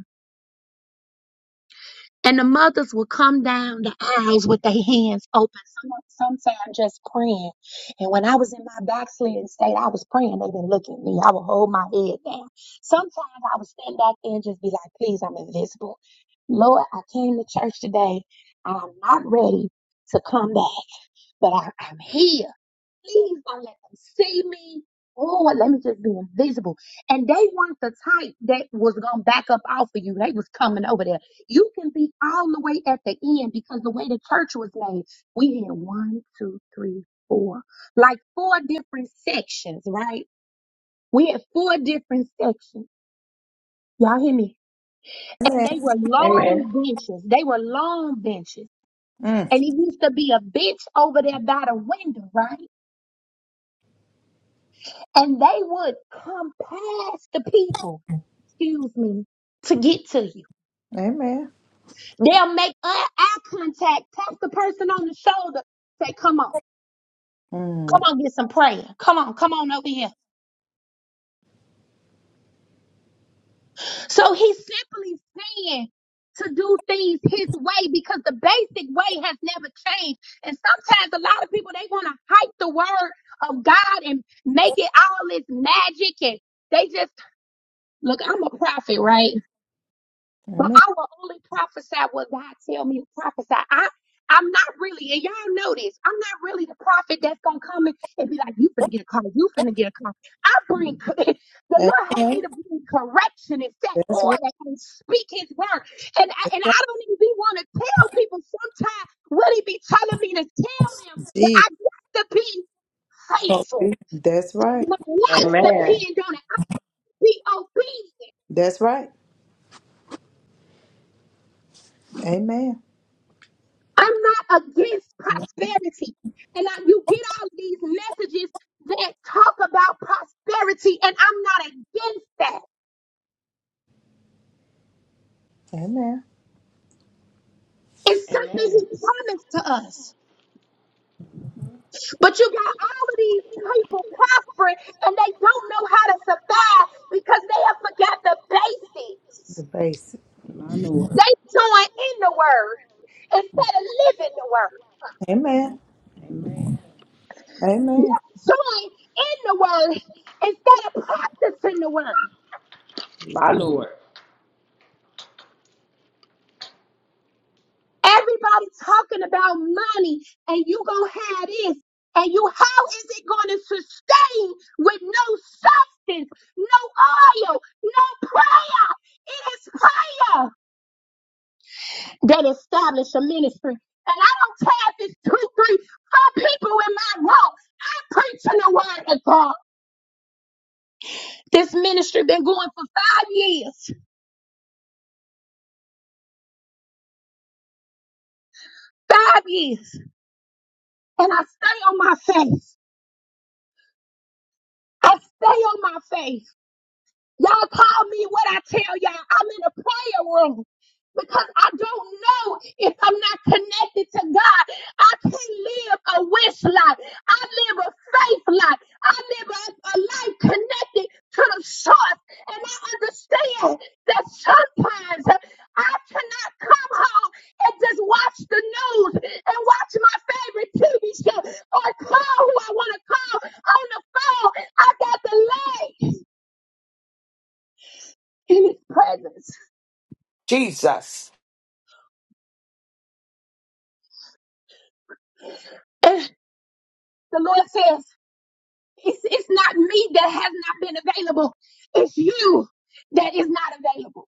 S1: And the mothers will come down the aisles with their hands open. Some, sometimes just praying. And when I was in my backslidden state, I was praying. They didn't look at me. I would hold my head down. Sometimes I would stand back there and just be like, please, I'm invisible. Lord, I came to church today. I'm not ready to come back, but I, I'm here. Please don't let them see me. Oh, let me just be invisible. And they weren't the type that was gonna back up off of you. They was coming over there. You can be all the way at the end because the way the church was made, we had one, two, three, four, like four different sections, right? We had four different sections. Y'all hear me? And they
S3: Amen.
S1: were
S4: Amen.
S1: long benches. They were long benches.
S3: Mm.
S1: And it used to be a bench over there by the window, right? and they would come past the people, excuse me, to get to you.
S3: Amen.
S1: They'll make eye eye contact, tap the person on the shoulder, say, come on, come
S3: Mm.
S1: on, get some prayer. Come on, come on over here. So he's simply saying to do things his way because the basic way has never changed. And sometimes a lot of people, they want to hype the word of God and make it all this magic and they just, look, I'm a prophet, right? But
S3: Amen.
S1: I will only prophesy what God tell me to prophesy. I I'm not really, and y'all know this. I'm not really the prophet that's gonna come and, and be like, "You finna get a car, you finna get a car." I bring the Lord had me
S3: Amen.
S1: to bring correction and set
S3: That's right.
S1: order and speak His word, and I, and I don't even want to tell people. Sometimes what He be telling me to tell them, but
S3: Jesus.
S1: I got to be faithful.
S3: That's right.
S1: My life
S4: Amen.
S1: depends on it. I be obedient.
S3: That's right. Amen.
S1: I'm not against prosperity. And I, you get all of these messages that talk about prosperity, and I'm not against that.
S3: Amen.
S1: It's something
S4: Amen.
S1: he promised to us. But you got all of these people prospering, and they don't know how to survive because they have forgot the
S3: The
S1: basics.
S3: basic.
S4: My Lord.
S1: They join in the word instead of living the word.
S3: Amen.
S4: Amen.
S3: Amen.
S1: Join in the word instead of practicing the word.
S4: My Lord.
S1: Everybody talking about money and you gonna have this and you how is it gonna sustain with no substance, no oil, no prayer? It is prayer that establish a ministry. And I don't have this two, three, four people in my room I'm preaching the word of God. This ministry been going for five years. Five years. And I stay on my face. I stay on my face. Y'all call me what I tell y'all. I'm in a prayer room because I don't know if I'm not connected to God. I can't live a wish life. I live a faith life. I live a, a life connected to the source. And I understand that sometimes I cannot come home and just watch the news and watch my favorite TV show or call who I want to call on the phone. I got to lay in his presence.
S2: Jesus.
S1: And the Lord says, it's, it's not me that has not been available. It's you that is not available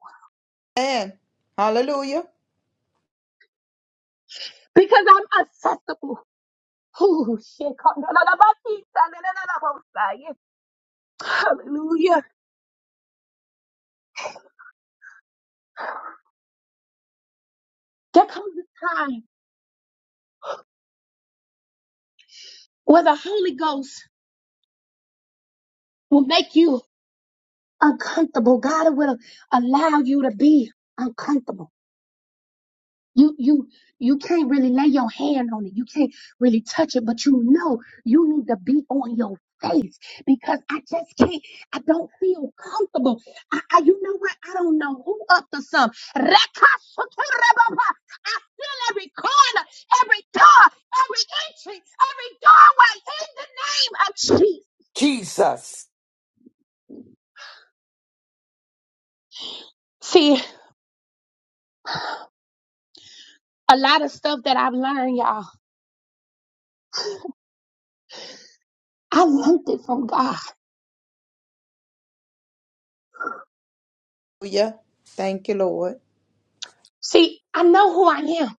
S3: And hallelujah.
S1: because I'm accessible. Ooh, shit. Hallelujah. There comes a time where the Holy Ghost will make you uncomfortable. God will allow you to be uncomfortable. You you you can't really lay your hand on it. You can't really touch it, but you know you need to be on your face because I just can't. I don't feel comfortable. I, I you know what? I don't know who up to some. Rekasuturababa. I feel every corner, every door, every entry, every doorway in the name of Jesus.
S2: Jesus.
S1: See, a lot of stuff that I've learned, y'all. I learned it from God.
S3: Hallelujah. Thank you, Lord.
S1: See, I know who I am.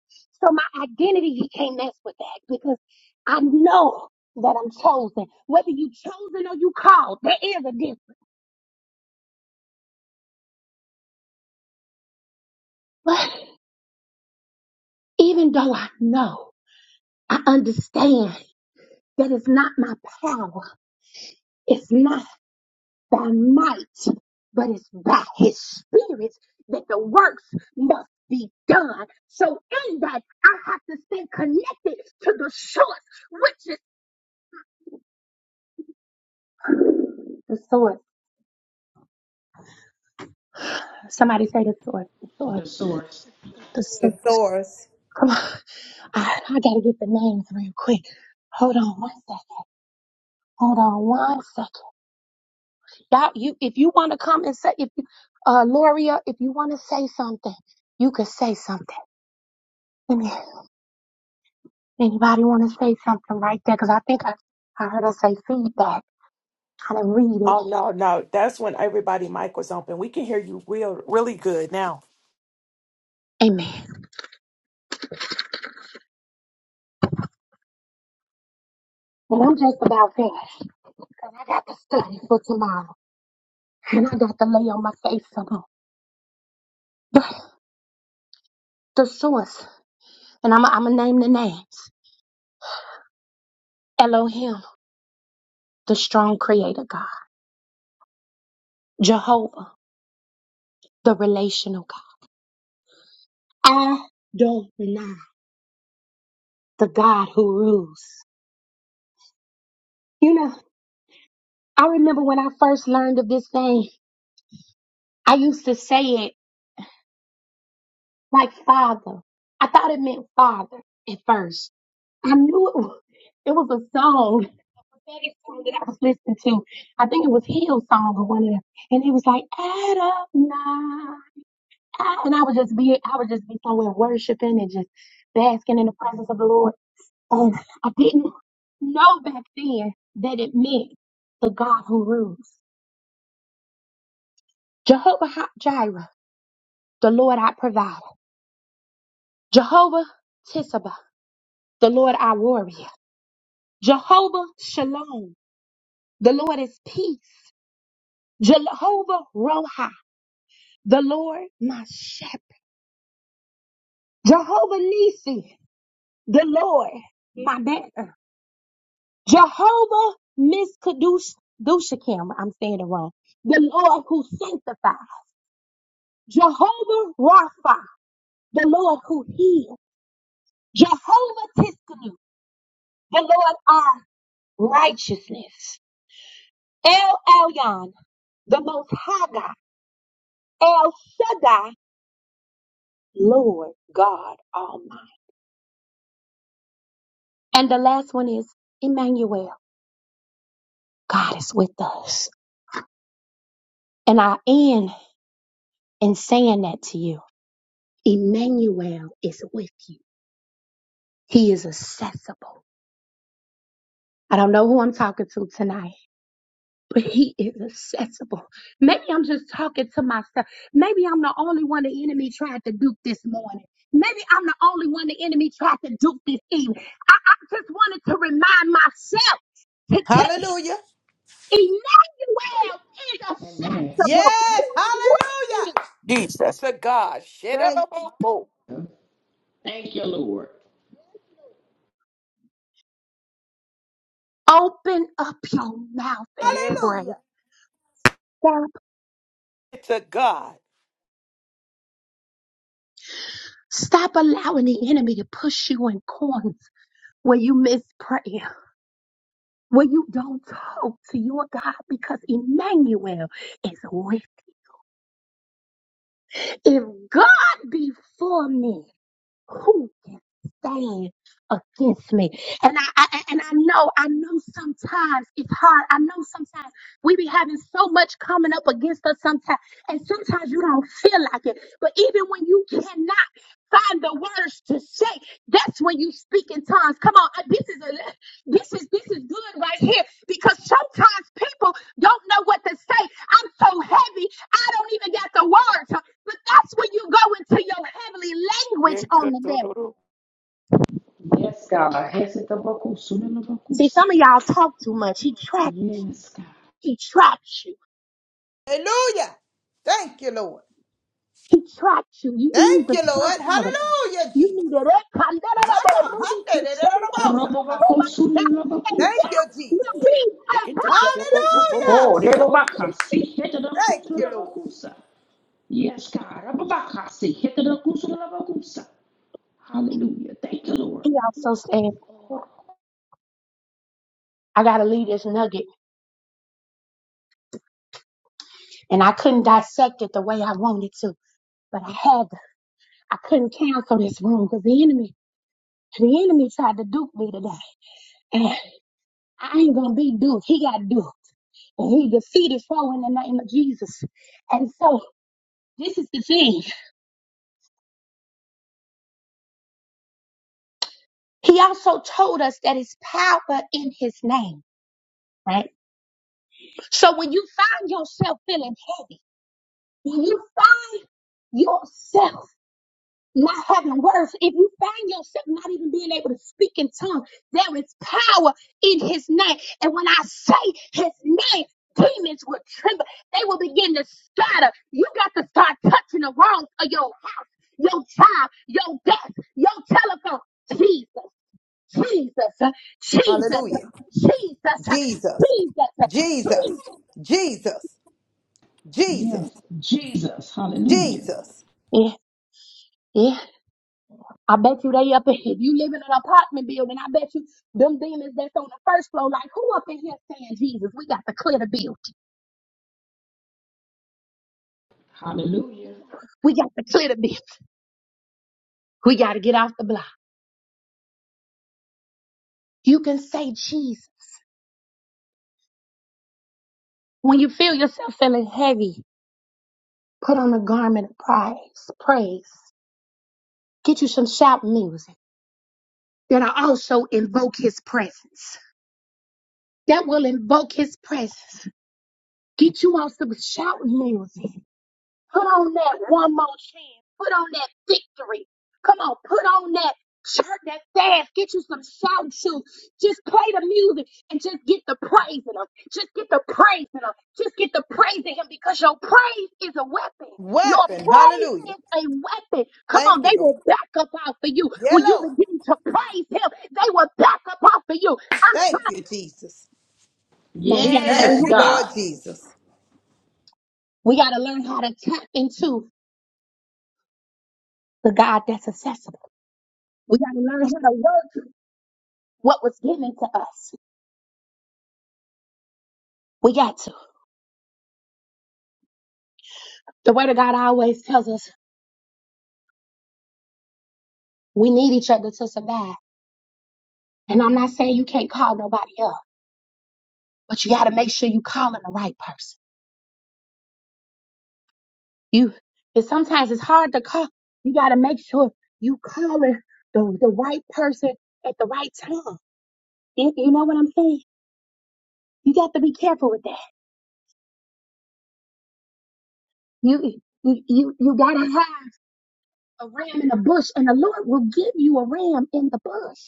S1: So my identity, he can't mess with that because I know that I'm chosen. Whether you chosen or you called, there is a difference. But even though I know, I understand that it's not my power, it's not by might, but it's by his spirit that the works must be done. So in that, I have to stay connected to the source, which is the source. Somebody say the source, the source,
S4: The source.
S1: the source.
S3: The source.
S1: Come on. I, I gotta get the names real quick. Hold on one second. Hold on one second. Y'all, you if you wanna come and say if you uh Loria, if you wanna say something, you could say something. Let me anybody wanna say something right there? Cause I think I, I heard her say feedback. I didn't read
S2: Oh
S1: it.
S2: no, no. That's when everybody mic was open. We can hear you real really good now.
S1: Amen. Well I'm just about finished. Cause I got to study for tomorrow. And I got to lay on my face some more. The, the source. And I'm I'm gonna name the names. Elohim, the strong creator God. Jehovah, the relational God. I don't deny the God who rules. You know, I remember when I first learned of this name, I used to say it like father. I thought it meant father at first. I knew it was, it was a song, a prophetic song that I was listening to. I think it was Hill's song or one of them. And he was like, Adonai. I, and I would just be, I would just be somewhere worshiping and just basking in the presence of the Lord. And I didn't know back then that it meant the God who rules. Jehovah Ha- Jireh, the Lord I provide. Jehovah Tisabah, the Lord I warrior. Jehovah Shalom, the Lord is peace. Jehovah Roha, the Lord my shepherd. Jehovah Nisi, the Lord my banner. Jehovah Miskadush Dushakim, I'm saying it wrong. The Lord who sanctifies. Jehovah Rapha, the Lord who heals. Jehovah Tiskanu, the Lord our righteousness. El Elyon, the most high God. El Shaddai, Lord God Almighty. And the last one is Emmanuel. God is with us. And I end in saying that to you. Emmanuel is with you. He is accessible. I don't know who I'm talking to tonight, but he is accessible. Maybe I'm just talking to myself. Maybe I'm the only one the enemy tried to duke this morning. Maybe I'm the only one the enemy tried to duke this evening. I, I just wanted to remind myself to tell
S3: Hallelujah.
S1: Emmanuel is
S4: Amen.
S1: accessible. He
S3: Yes.
S1: is with
S3: Hallelujah.
S1: you.
S2: Jesus. To God. Shit up.
S3: Thank
S4: Thank you, Lord.
S1: Open up your mouth and
S2: Yeah,
S1: pray.
S3: Hallelujah.
S1: Stop,
S2: to God.
S1: stop allowing the enemy to push you in corners where you miss prayer. When you don't talk to your God because Emmanuel is with you. If God be for me, who can stand against me? And I, I I- and I know, I know sometimes it's hard. I know sometimes we be having so much coming up against us sometimes, and sometimes you don't feel like it. But even when you cannot find the words to say, that's when you speak in tongues. Come on, uh, this is a, this is this is good right here because sometimes people don't know what to say. I'm so heavy, I don't even got the words. But that's when you go into your heavenly
S2: Yeah,
S1: language on
S2: good,
S1: the
S2: do, do,
S1: devil.
S2: do.
S4: Yes, God.
S1: See,
S4: Hesitabakusunelabakusa.
S1: some of y'all talk too much. He traps.
S4: Yes, God.
S1: he traps you.
S3: Hallelujah. Thank you, Lord.
S1: He traps you. You, you need
S3: Thank
S1: to
S3: you, Lord.
S1: suffer.
S3: Hallelujah,
S1: You
S3: Jesus.
S1: need to
S3: My God. Hallelujah. Thank
S4: Horobabakusunelabakusa.
S3: you, Jesus.
S2: Yeah, get to- to- to- to- to- to- to-
S3: Hallelujah.
S4: Oh,
S2: to-
S4: Rebabakasi, hit the
S3: Thank you, Lord.
S4: Kusulabakusa. Yes, God, Rebabakasi, hit the Kusulabakusa. Hallelujah. Thank you, Lord.
S1: I gotta leave this nugget, and I couldn't dissect it the way I wanted to, but I had to. I couldn't cancel this room because the enemy, the enemy tried to dupe me today, and I ain't gonna be duped. He got duped. He defeated foe in the name of Jesus. And so this is the thing. He also told us that it's power in his name, right? So when you find yourself feeling heavy, when you find yourself not having words, if you find yourself not even being able to speak in tongues, there is power in his name. And when I say his name, demons will tremble. They will begin to scatter. You got to start touching the walls of your house, your job, your desk, your telephone. Jesus, Jesus, uh, Jesus, uh,
S3: Hallelujah.
S1: Jesus, uh,
S3: Jesus.
S1: Jesus, uh,
S3: Jesus.
S1: Jesus.
S3: Jesus. Jesus.
S4: Yes, Jesus. Hallelujah.
S3: Jesus.
S1: Yeah, yeah. I bet you they up in if you live in an apartment building, I bet you them demons that's on the first floor, like who up in here saying, Jesus, we got to clear the building.
S4: Hallelujah.
S1: We got to clear the building. We got to get off the block. You can say Jesus. When you feel yourself feeling heavy, put on a garment of praise, praise. Get you some shout music that'll also invoke his presence. That will invoke his presence. Get you on some shout music. Put on that one more chance. Put on that victory. Come on, put on that shirt, that fast. Get you some shout shoes. Just play the music and just get the praising him. Just get the praising him. Just get the praising him because your praise is a weapon. Your
S3: Weapon.
S1: praise
S3: Hallelujah.
S1: is a weapon. Come on,
S3: Thank you,
S1: they
S3: Lord.
S1: will back up out for you.
S3: Yeah,
S1: When you
S3: Lord.
S1: begin to praise him, they will back up out for you. I'm
S3: Thank you,
S1: trying.
S3: Jesus.
S1: Come on, we gotta learn
S3: Thank
S4: Yes,
S3: you,
S1: how to,
S3: Lord
S4: God.
S3: Jesus.
S1: we gotta learn how to tap into the God that's accessible. We got to learn how to work what was given to us. We got to. The word of God always tells us we need each other to survive. And I'm not saying you can't call nobody up, but you got to make sure you calling the right person. You, and sometimes it's hard to call. You got to make sure you calling the, the right person at the right time. You, you know what I'm saying? You got to be careful with that. You, you, you, you got to have a ram in the bush and the Lord will give you a ram in the bush.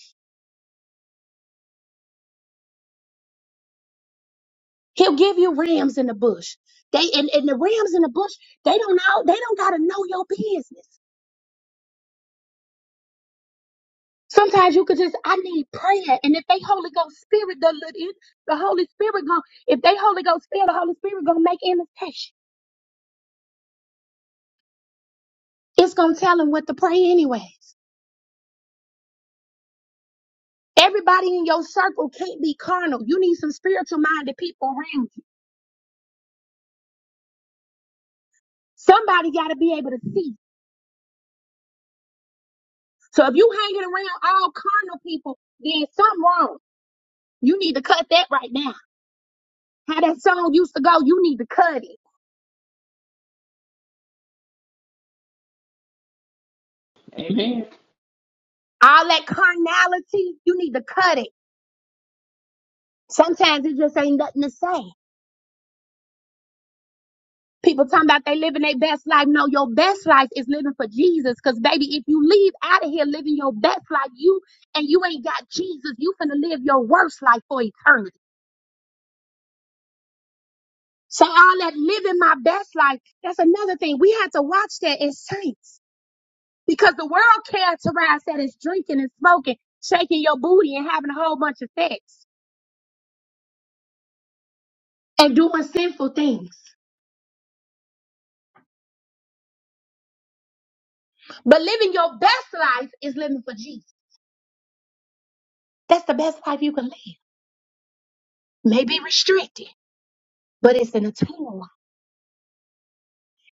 S1: He'll give you rams in the bush. They and, and the rams in the bush, they don't know, they don't gotta know your business. Sometimes you could just, I need prayer. And if they Holy Ghost Spirit gonna let in, the Holy Spirit gonna, if they Holy Ghost feel the Holy Spirit gonna make intercession. It's gonna tell them what to pray anyways. Everybody in your circle can't be carnal. You need some spiritual minded people around you. Somebody gotta be able to see. So if you hanging around all carnal people, then something wrong. You need to cut that right now. How that song used to go, you need to cut it.
S4: Amen.
S1: All that carnality, you need to cut it. Sometimes it just ain't nothing to say. People talking about they living their best life. No, your best life is living for Jesus. Cause baby, if you leave out of here living your best life, you and you ain't got Jesus, you finna live your worst life for eternity. So all that living my best life, that's another thing. We have to watch that as saints. Because the world characterized that as drinking and smoking, shaking your booty and having a whole bunch of sex. and doing sinful things. But living your best life is living for Jesus. That's the best life you can live. Maybe restricted, but it's an eternal life.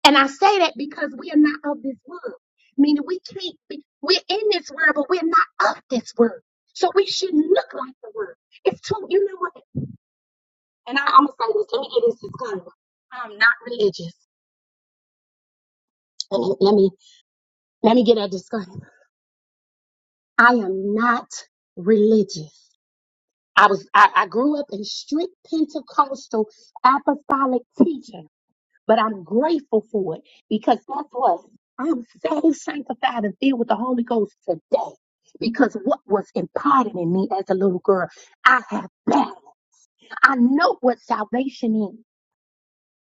S1: And I say that because we are not of this world, meaning we can't be, we're in this world, but we're not of this world. So we shouldn't look like the world. It's too, you know what? And I, I'm gonna say this. Let me get this disclaimer. I'm not religious. Let me let me let me get a disclaimer. I am not religious. I was I, I grew up in strict Pentecostal apostolic teaching, but I'm grateful for it because guess what? I'm saved, sanctified, and filled with the Holy Ghost today. Because what was imparted in me as a little girl, I have that. I know what salvation is.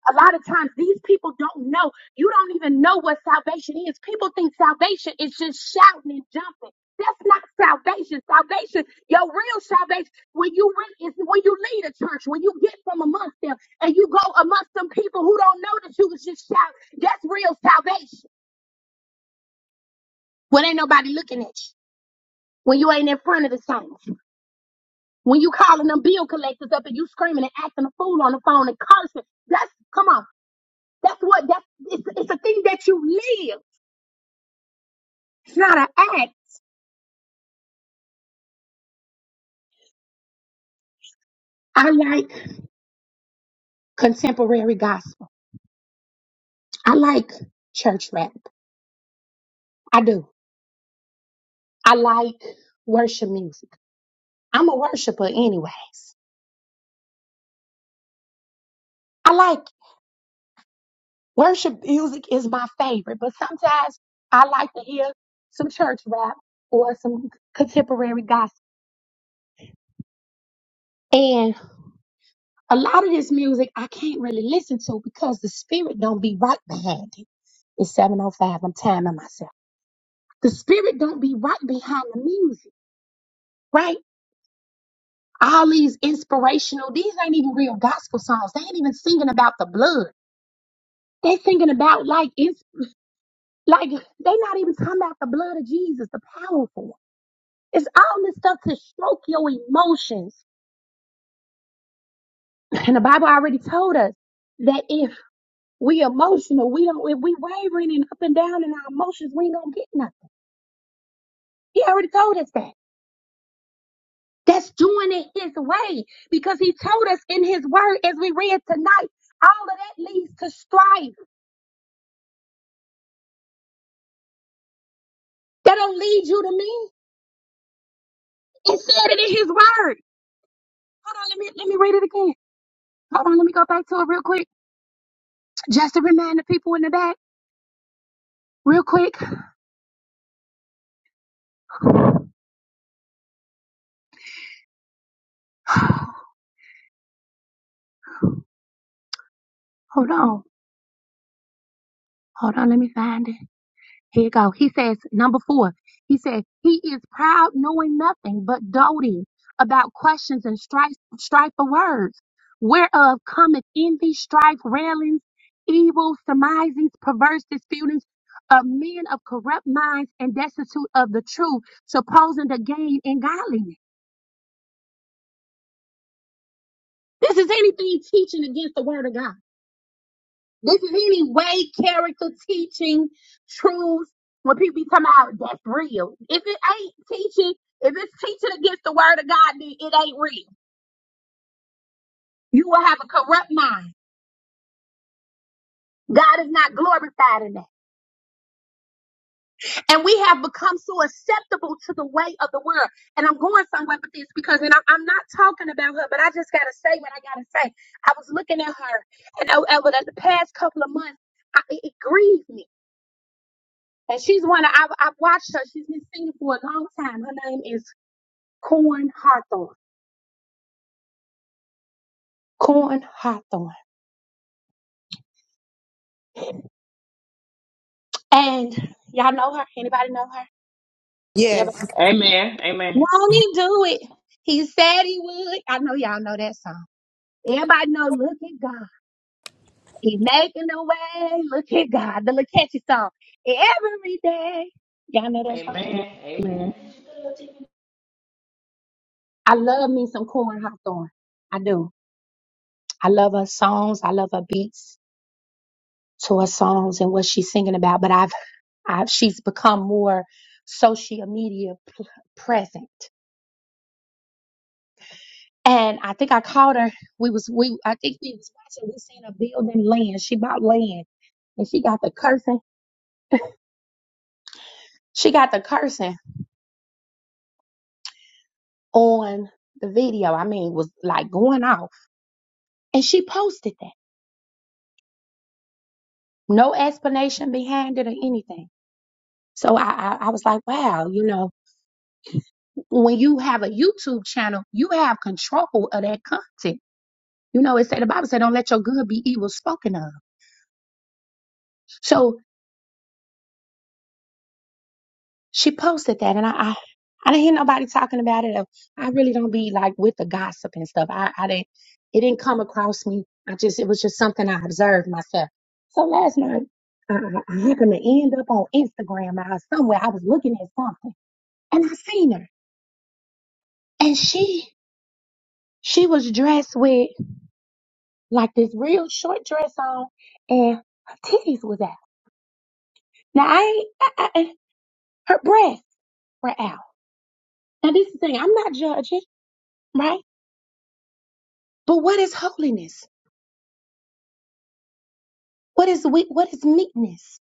S1: A lot of times these people don't know. You don't even know what salvation is. People think salvation is just shouting and jumping. That's not salvation. Salvation, your real salvation, when you re- is when you lead a church, when you get from amongst them and you go amongst some people who don't know that you was just shouting. That's real salvation. When ain't nobody looking at you. When you ain't in front of the saints. When you calling them bill collectors up and you screaming and acting a fool on the phone and cursing. That's come on. That's what that's it's, it's a thing that you live. It's not an act. I like contemporary gospel. I like church rap. I do. I like worship music. I'm a worshiper anyways. I like worship music is my favorite, but sometimes I like to hear some church rap or some contemporary gospel. And a lot of this music I can't really listen to because the spirit don't be right behind it. It's 705. I'm timing myself. The spirit don't be right behind the music, right? all these inspirational these ain't even real gospel songs they ain't even singing about the blood they singing about like it's like they not even talking about the blood of jesus the powerful one. it's all this stuff to stroke your emotions and the bible already told us that if we emotional we don't if we wavering and up and down in our emotions we ain't gonna get nothing he already told us that that's doing it his way because he told us in his word as we read tonight all of that leads to strife That don't lead you to me. It said it in his word. Hold on, let me let me read it again. Hold on, let me go back to it real quick. Just to remind the people in the back, real quick. Hold on. Hold on, let me find it. Here you go. He says, number four, he said, he is proud, knowing nothing but doting about questions and strife, strife of words, whereof cometh envy, strife, railings, evil surmisings, perverse disputings of men of corrupt minds and destitute of the truth, supposing to gain in godliness. This is anything teaching against the word of God. This is any way, character, teaching, truth. When people be talking about that's real. If it ain't teaching, if it's teaching against the word of God, then it ain't real. You will have a corrupt mind. God is not glorified in that. And we have become so acceptable to the way of the world. And I'm going somewhere with this because, and I'm, I'm not talking about her, but I just got to say what I got to say. I was looking at her, and over the past couple of months, I, it, it grieved me And she's one of, I've, I've watched her. She's been singing for a long time. Her name is Corn Hawthorne. Corn Hawthorne. And y'all know her? Anybody know her? Everybody.
S3: Yes.
S4: Amen. Amen.
S1: Won't he do it? He said he would. I know y'all know that song. Everybody know, look at God. He's making the way. Look at God. The little catchy song. Every day. Y'all know that song?
S4: Amen. Amen.
S1: I love me some Corn Hawthorne. I do. I love her songs. I love her beats to her songs and what she's singing about. But I've I, she's become more social media p- present. And I think I called her. We was we I think we was watching. We seen her building land. She bought land, and she got the cursing. She got the cursing on the video. I mean, it was like going off, and she posted that. No explanation behind it or anything. So I I, I was like, wow, you know, when you have a YouTube channel, you have control of that content. You know, it said the Bible said, "Don't let your good be evil spoken of." So she posted that and I, I I didn't hear nobody talking about it. I really don't be like with the gossip and stuff. I, I didn't it didn't come across me. I just it was just something I observed myself. So last night I, I I happened to end up on Instagram or somewhere. I was looking at something and I seen her. And she she was dressed with like this real short dress on and her titties was out. Now I, ain't- I, I her breasts were out. Now this is the thing, I'm not judging, right? But what is holiness? What is we, what is meekness?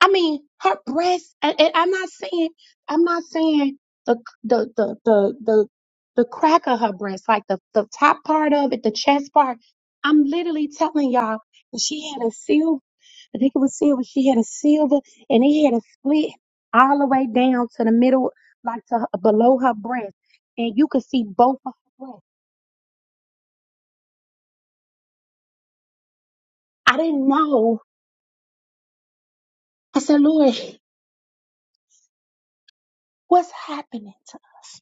S1: I mean, her breast. And, and I'm not saying I'm not saying the the the the the the crack of her breast, like the the top part of it, the chest part. I'm literally telling y'all that she had a silver. I think it was silver. She had a silver, and it had a split all the way down to the middle, like to her- below her breast, and you could see both of her breasts. I didn't know. I said, Lord, what's happening to us?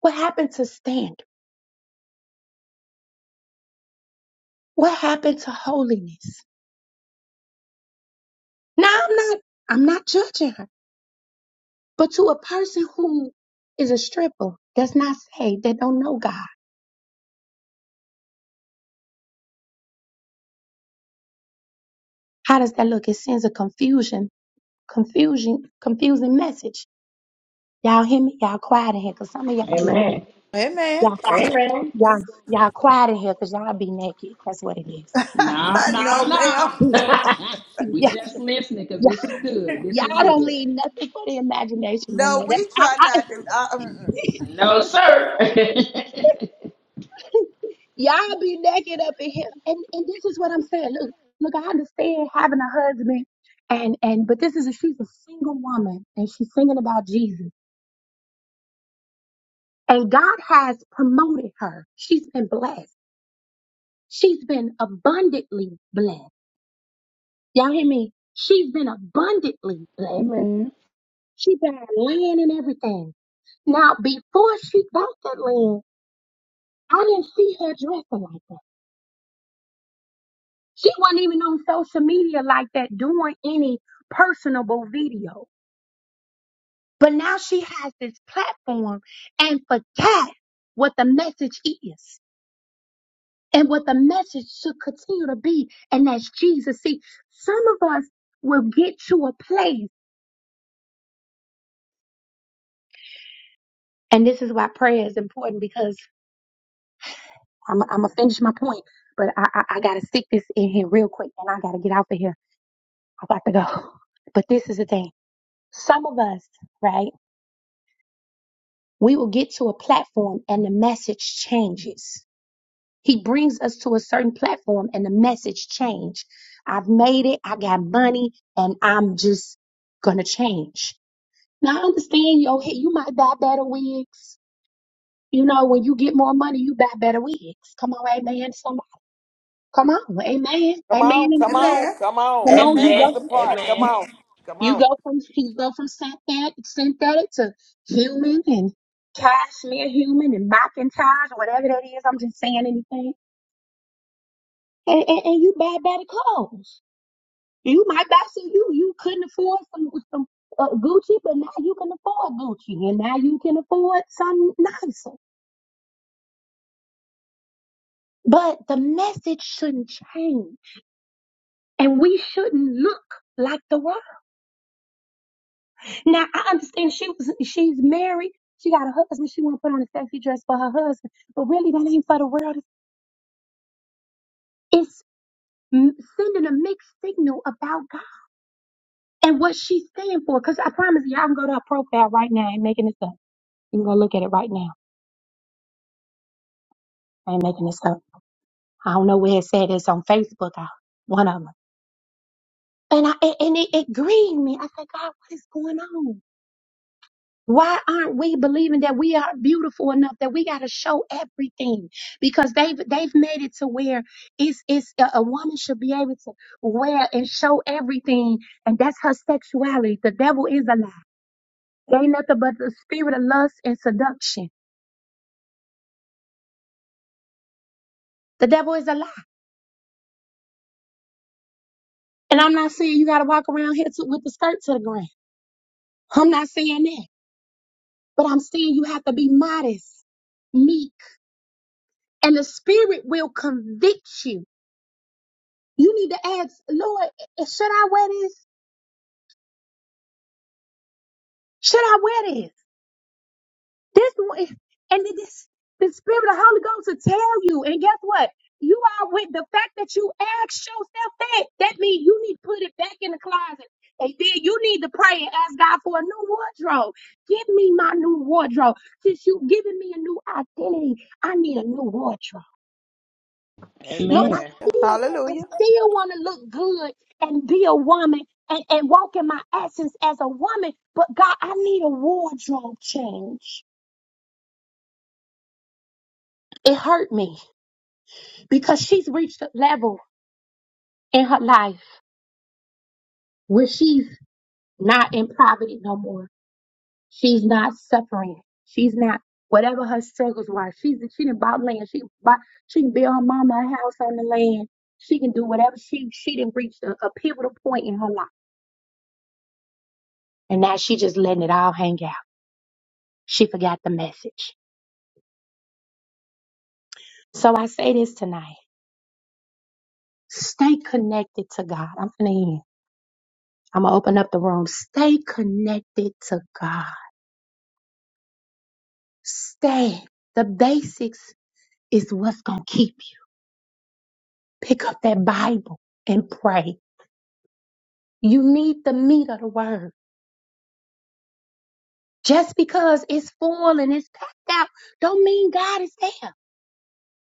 S1: What happened to standards? What happened to holiness? Now I'm not I'm not judging her, but to a person who is a stripper, that's not saved, that don't know God. How does that look? It sends a confusion, confusion, confusing message. Y'all hear me? Y'all quiet in here, cause some of y'all be naked.
S4: Amen.
S3: Amen.
S1: Y'all,
S4: Amen.
S1: y'all, y'all quiet in here, cause y'all be naked. That's what it is.
S4: No, no,
S3: no, ma'am.
S4: no. we
S1: Yeah,
S4: just listening because
S1: yeah,
S4: this is good. This
S1: y'all
S4: is
S1: don't
S4: good.
S1: leave nothing for the imagination no more.
S3: No,
S1: That,
S3: we try
S1: I,
S3: not to. Uh, mm-mm.
S1: I,
S4: No, sir.
S1: Y'all be naked up in here. And and this is what I'm saying. Look, look, I understand having a husband and and but this is a, she's a single woman and she's singing about Jesus. And God has promoted her. She's been blessed. She's been abundantly blessed. Y'all hear me? She's been abundantly blessed. She got land and everything. Now, before she got that land, I didn't see her dressing like that. She wasn't even on social media like that doing any personable videos. But now she has this platform and forgot what the message is and what the message should continue to be. And that's Jesus. See, some of us will get to a place, and this is why prayer is important because I'm, I'm going to finish my point, but I, I, I got to stick this in here real quick and I got to get out of here. I got to go. But this is the thing. Some of us, right? We will get to a platform and the message changes He brings us to a certain platform and the message change. I've made it. I got money and I'm just going to change. Now I understand yo, hey, you might buy better wigs. You know, when you get more money, you buy better wigs. Come on, amen. Somebody, come on, amen. Amen.
S2: Come on, come
S1: amen.
S2: on,
S3: Amen.
S2: come on.
S1: Come on, you
S2: Look
S3: Amen.
S2: the
S4: amen.
S1: go,
S2: part. Come
S4: Amen.
S2: on, come
S1: you
S2: on.
S1: go from, you go from synthetic, synthetic to human and cashmere human and Macintosh, whatever that is. I'm just saying anything. And, and, and you buy better clothes. You might buy some you you couldn't afford some some uh, Gucci, but now you can afford Gucci, and now you can afford something nicer. But the message shouldn't change, and we shouldn't look like the world. Now I understand she was she's married, she got a husband, she want to put on a sexy dress for her husband, but really that ain't for the world. It's m- sending a mixed signal about God and what she's standing for. Because I promise you, I can go to her profile right now. I ain't making this up. You can go look at it right now. I ain't making this up I don't know where it said it's on Facebook, I, one of them. And I and and it, it grieved me. I said, God, what is going on? Why aren't we believing that we are beautiful enough that we got to show everything? Because they've they've made it to where it's it's a, a woman should be able to wear and show everything, and that's her sexuality. The devil is a lie. There ain't nothing but the spirit of lust and seduction. The devil is a lie, and I'm not saying you got to walk around here to, with the skirt to the ground. I'm not saying that. But I'm saying you have to be modest, meek, and the spirit will convict you. You need to ask, Lord, eh, should I wear this? Should I wear this? This one, and then this, the spirit of the Holy Ghost will tell you. And guess what? You are with the fact that you ask yourself that. That means you need to put it back in the closet. And then you need to pray and ask God for a new wardrobe. Give me my new wardrobe. Since you've given me a new identity, I need a new wardrobe. Lord, I
S4: Amen.
S1: still, I
S3: Hallelujah.
S1: still want to look good and be a woman and, and walk in my essence as a woman. But God, I need a wardrobe change. It hurt me because she's reached a level in her life where she's not in poverty no more. She's not suffering. She's not whatever her struggles were. She's she didn't bought land. She bought, she can build her mama a house on the land. She can do whatever she she didn't reach a, a pivotal point in her life. And now she just letting it all hang out. She forgot the message. So I say this tonight. Stay connected to God. I'm gonna end. I'm gonna open up the room. Stay connected to God. Stay. The basics is what's gonna keep you. Pick up that Bible and pray. You need the meat of the word. Just because it's full and it's packed out, don't mean God is there.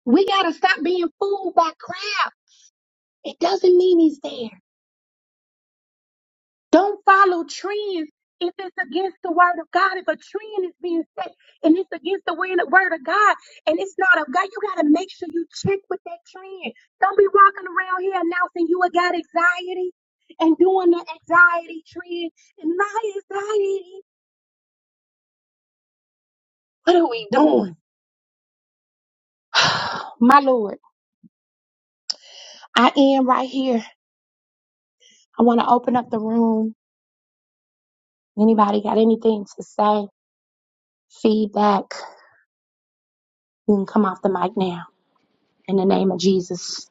S1: We gotta stop being fooled by crowd. It doesn't mean he's there. Don't follow trends if it's against the word of God. If a trend is being set and it's against the word word of God and it's not of God, you got to make sure you check with that trend. Don't be walking around here announcing you got anxiety and doing the anxiety trend and my anxiety. What are we doing? my Lord, I am right here. I want to open up the room. Anybody got anything to say? Feedback? You can come off the mic now in the name of Jesus.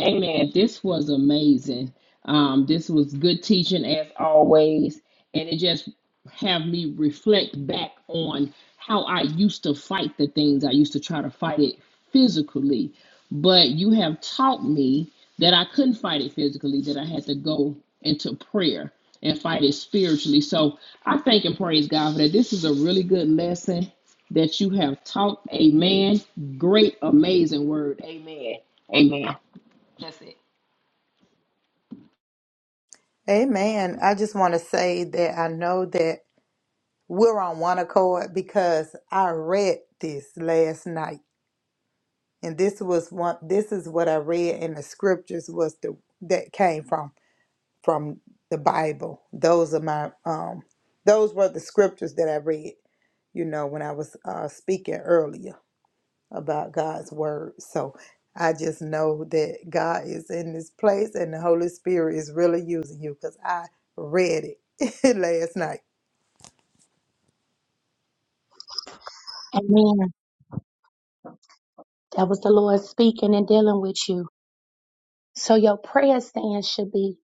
S4: Amen. This was amazing. Um, this was good teaching as always, and it just have me reflect back on how I used to fight the things. I used to try to fight it physically, but you have taught me that I couldn't fight it physically. That I had to go into prayer and fight it spiritually. So I thank and praise God for that. This is a really good lesson that you have taught. Amen. Great, amazing word. Amen. Amen.
S3: Amen. I just want to say that I know that we're on one accord because I read this last night, and this was one. This is what I read in the scriptures was the that came from. from the Bible. Those are my um those were the scriptures that I read, you know, when I was uh speaking earlier about God's word. So I just know that God is in this place and the Holy Spirit is really using you because I read it last night.
S1: Amen. That was the Lord speaking and dealing with you. So your prayer stand should be,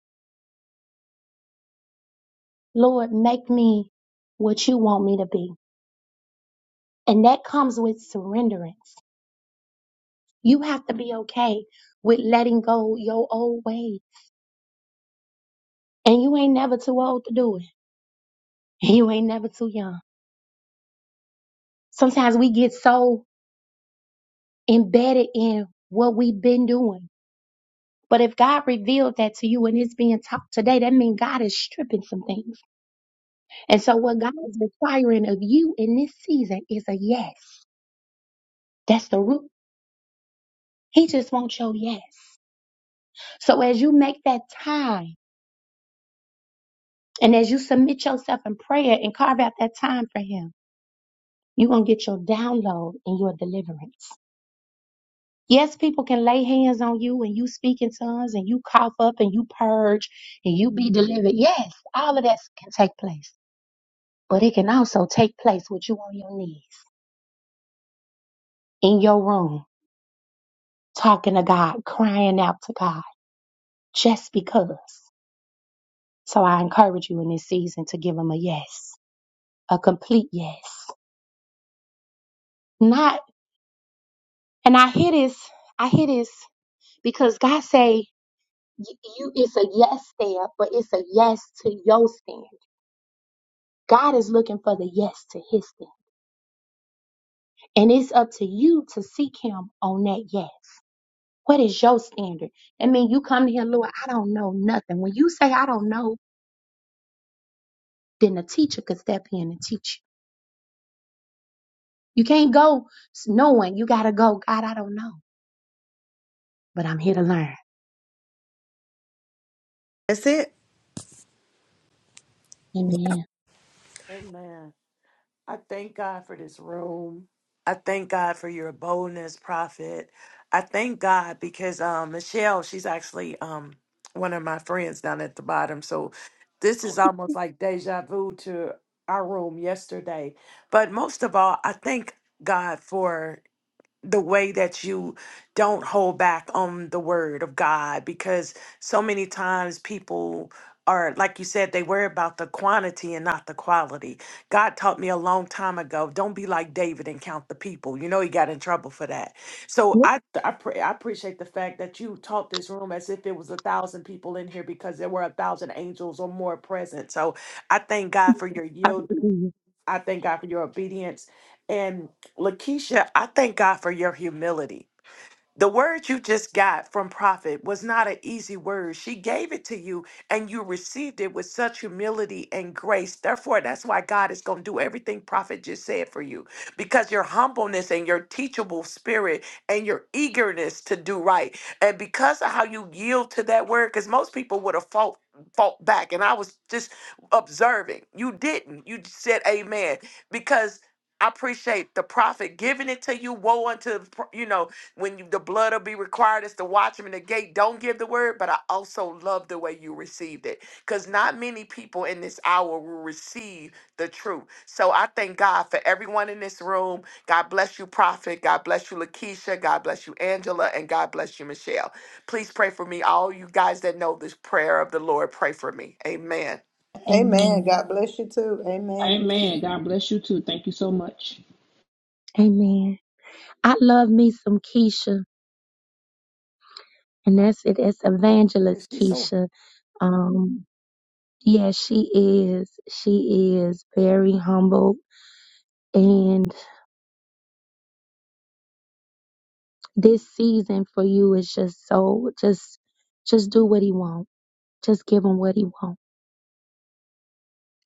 S1: Lord, make me what you want me to be. And that comes with surrenderance. You have to be okay with letting go your old ways. And you ain't never too old to do it. And you ain't never too young. Sometimes we get so embedded in what we've been doing. But if God revealed that to you and it's being taught today, that means God is stripping some things. And so, what God is requiring of you in this season is a yes. That's the root. He just wants your yes. So, as you make that time and as you submit yourself in prayer and carve out that time for Him, you're going to get your download and your deliverance. Yes, people can lay hands on you and you speak in tongues and you cough up and you purge and you be delivered. Yes, all of that can take place. But it can also take place with you on your knees, in your room, talking to God, crying out to God just because. So I encourage you in this season to give him a yes, a complete yes. Not, and I hear this, I hear this because God say y- you, it's a yes there, but it's a yes to your stand. God is looking for the yes to his stand. And it's up to you to seek him on that yes. What is your standard? I mean, you come to him, Lord, I don't know nothing. When you say, I don't know, then the teacher could step in and teach you. You can't go s- knowing. You got to go, God, I don't know. but I'm here to learn.
S3: That's it. Yeah.
S1: Amen.
S2: Amen. I thank God for this room. I thank God for your boldness, prophet. I thank God because um, Michelle, she's actually um, one of my friends down at the bottom. So this is almost like deja vu to our room yesterday. But most of all, I thank God for the way that you don't hold back on the word of God because so many times people are like you said they worry about the quantity and not the quality. God taught me a long time ago, don't be like David and count the people. You know he got in trouble for that. So
S1: Yep.
S2: I I pray I appreciate the fact that you taught this room as if it was a thousand people in here because there were a thousand angels or more present. So I thank God for your yield
S1: Hallelujah.
S2: I thank God for your obedience. And Lakeisha, I thank God for your humility. The word you just got from prophet was not an easy word. She gave it to you and you received it with such humility and grace. Therefore, that's why God is going to do everything prophet just said for you because your humbleness and your teachable spirit and your eagerness to do right. And because of how you yield to that word, because most people would have fought. Fought back, and I was just observing. You didn't. You just said amen because I appreciate the prophet giving it to you. Woe unto the pro- you know when you, the blood will be required as the watchman at the gate, don't give the word, but I also love the way you received it. Because not many people in this hour will receive the truth. So I thank God for everyone in this room. God bless you, Prophet. God bless you, Lakeisha. God bless you, Angela. And God bless you, Michelle. Please pray for me. All you guys that know this prayer of the Lord, pray for me. Amen.
S3: Amen.
S1: Amen.
S3: God bless you too. Amen.
S4: Amen. God bless you too. Thank you so much.
S1: Amen. I love me some Keisha, and that's it. That's Evangelist Keisha. Um, yeah, she is. She is very humble, and this season for you is just so just, just do what he wants. Just give him what he wants,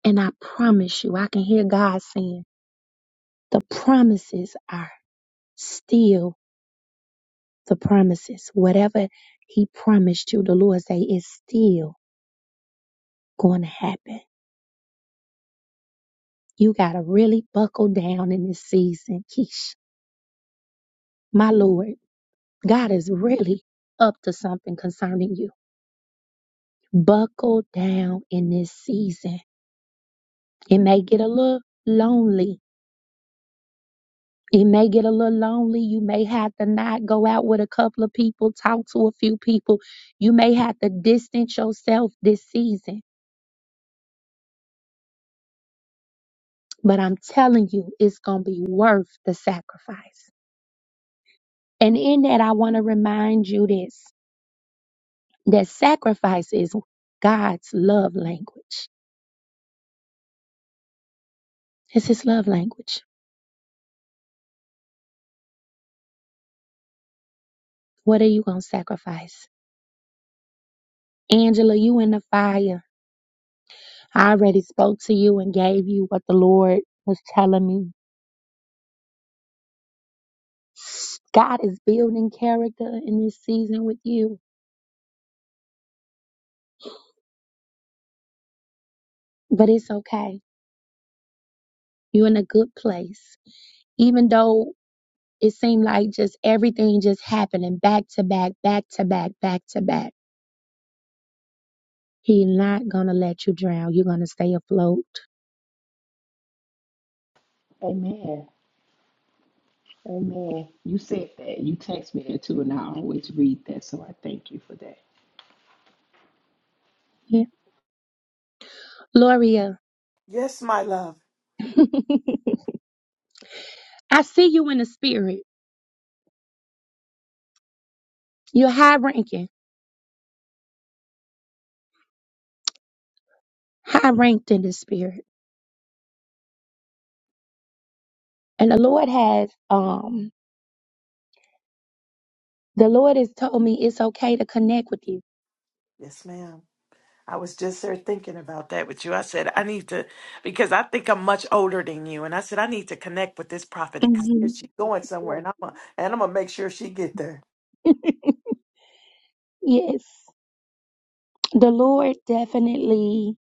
S1: and I promise you, I can hear God saying the promises are still. the promises. Whatever he promised you, the Lord say it's still going to happen. You got to really buckle down in this season, Keish. My Lord, God is really up to something concerning you. Buckle down in this season. It may get a little lonely. It may get a little lonely. You may have to not go out with a couple of people, talk to a few people. You may have to distance yourself this season But I'm telling you, it's going to be worth the sacrifice. And in that, I want to remind you this that sacrifice is God's love language. It's His love language. What are you going to sacrifice? Angela, you in the fire. I already spoke to you and gave you what the Lord was telling me. God is building character in this season with you, but it's okay. You're in a good place. Even though it seemed like just everything just happening back to back, back to back, back to back. He not gonna let you drown. You're gonna stay afloat.
S4: Amen. Amen. You said that. You text me that too, and I always read that, so I thank you for that.
S1: Yeah. Gloria,
S2: Yes, my love.
S1: I see you in the spirit. You're high ranking, high ranked in the spirit. And the Lord has um the Lord has told me it's okay to connect with you.
S2: Yes, ma'am. I
S1: hmm
S2: will.
S1: Yes. The Lord definitely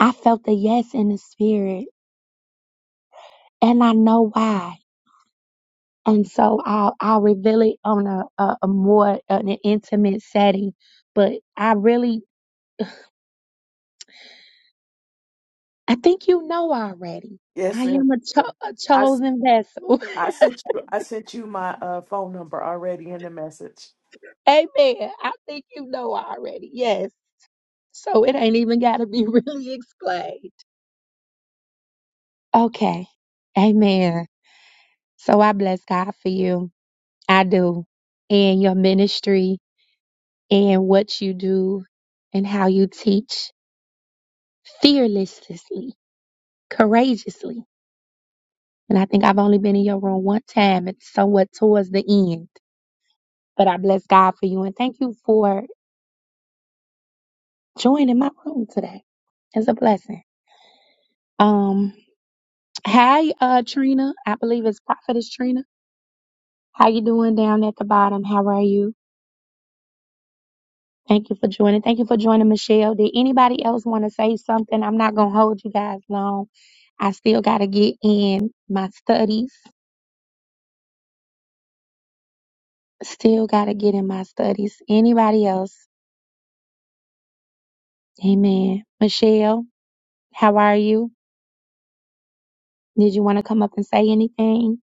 S1: I felt the yes in the spirit. And I know why. and so I'll I'll reveal it on a, a, a more an intimate setting. But I really, I think you know already. I
S2: Yes, ma'am.
S1: am a, cho- a
S2: I
S1: chosen vessel.
S2: I sent you I sent you my uh, phone number already in the message.
S1: Amen. I think you know already. Yes. So it ain't even got to be really explained. Okay. Amen. So I bless God for you. I do. And your ministry and what you do and how you teach fearlessly, courageously And I think I've only been in your room one time. It's somewhat towards the end. But I bless God for you and thank you for joining my room today. It's a blessing. Um, hi, uh, Trina. I believe it's Prophetess Trina. How you doing down at the bottom? How are you? Thank you for joining. Thank you for joining, Michelle. Did anybody else want to say something? I'm not gonna hold you guys long. I still gotta get in my studies. Still gotta get in my studies. Anybody else? Amen. Michelle. How are you? Did you want to come up and say anything?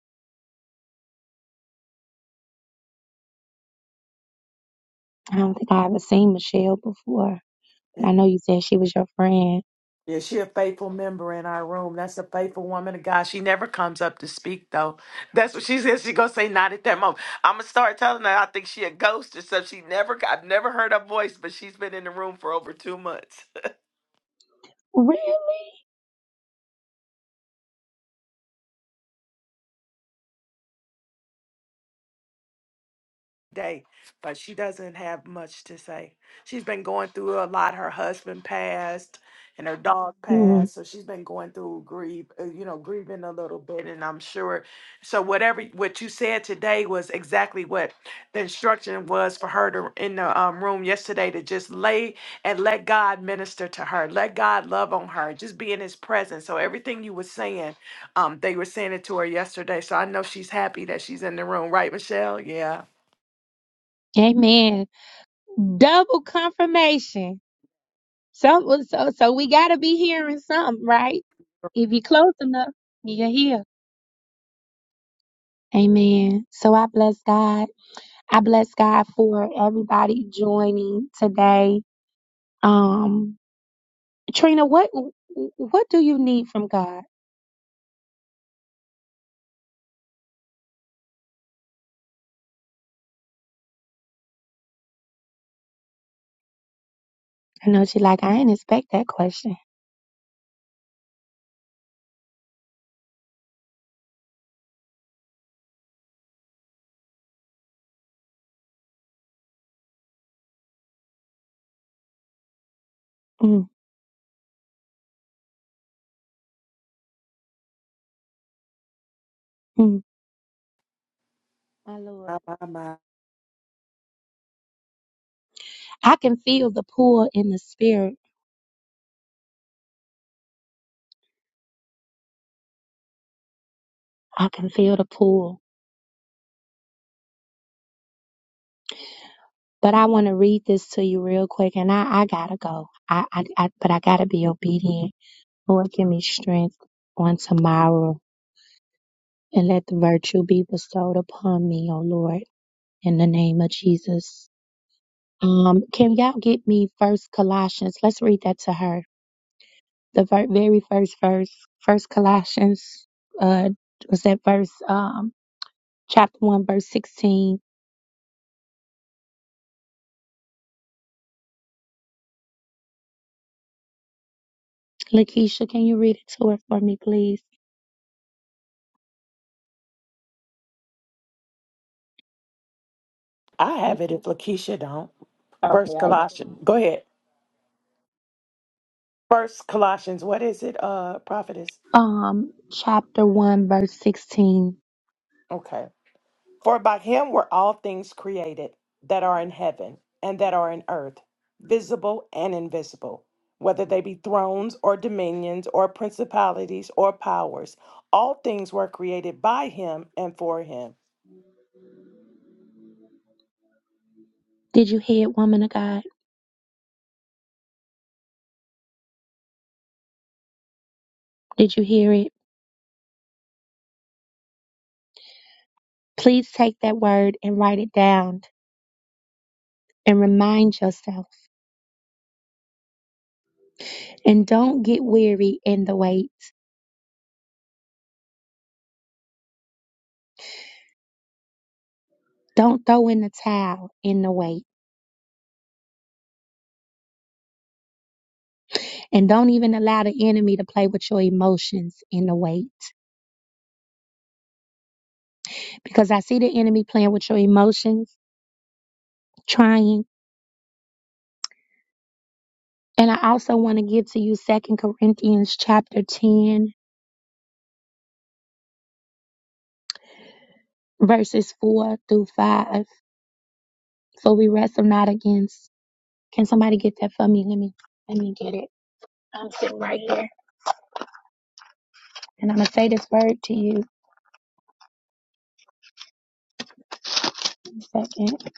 S1: I don't think I ever seen Michelle before, but I know you said she was your friend.
S2: Yeah, she a faithful member in our room. That's a faithful woman of God. She never comes up to speak though. That's what she says. She gonna say not at that moment. I'm gonna start telling her I think she a ghost or something. She never. I've never heard her voice, but she's been in the room for over two months.
S1: Really?
S2: day, but she doesn't have much to say. She's been going through a lot. Her husband passed and her dog
S1: Mm.
S2: passed, so she's been going through grief, uh, you know, grieving a little bit and I'm sure so whatever what you said today was exactly what the instruction was for her to in the um, room yesterday to just lay and let God minister to her. Let God love on her. Just be in his presence. So everything you were saying, um they were saying it to her yesterday. So I know she's happy that she's in the room, right Michelle? Yeah.
S1: Amen. Double confirmation. So, so, so we gotta be hearing something, right? If you're close enough, you're here. Amen. So I bless God. I bless God for everybody joining today. Um, Trina, what what do you need from God? I know she like I didn't expect that question. Mm. Mm, my Lord. I can feel the pull in the spirit. I can feel the pull. But I want to read this to you real quick and I, I gotta go. I, I, I but I gotta be obedient. Lord, give me strength on tomorrow and let the virtue be bestowed upon me, oh Lord, in the name of Jesus. Um, can y'all get me first Colossians? Let's read that to her. The ver- very first verse, first Colossians, uh, was that verse, um, chapter one, verse 16 Lakeisha, can you read it to her for me, please?
S2: I have
S4: You-
S2: it if Lakeisha don't.
S4: Okay.
S2: First
S4: I,
S2: Colossians. Go ahead. First Colossians. What is it, uh, prophetess?
S1: Um, chapter 1, verse 16.
S2: Okay. For by him were all things created that are in heaven and that are in earth, visible and invisible, whether they be thrones or dominions or principalities or powers. All things were created by him and for him.
S1: Did you hear it, woman of God? Did you hear it? Please take that word and write it down and remind yourself. And don't get weary in the wait. Don't throw in the towel in the wait. And don't even allow the enemy to play with your emotions in the wait. Because I see the enemy playing with your emotions, trying. And I also want to give to you Second Corinthians chapter 10 verses 4 through 5. So we wrestle not against. Can somebody get that for me? Let me let me get it. I'm sitting right here. And I'm gonna say this word to you in a second.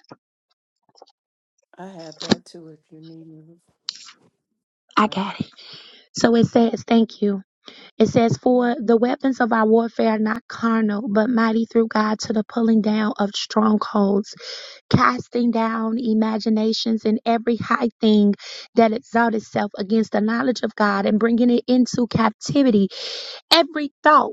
S2: I have that too if you need me.
S1: I got it. So it says, thank you. It says, For the weapons of our warfare are not carnal, but mighty through God to the pulling down of strongholds, casting down imaginations and every high thing that exalts itself against the knowledge of God, and bringing it into captivity, every thought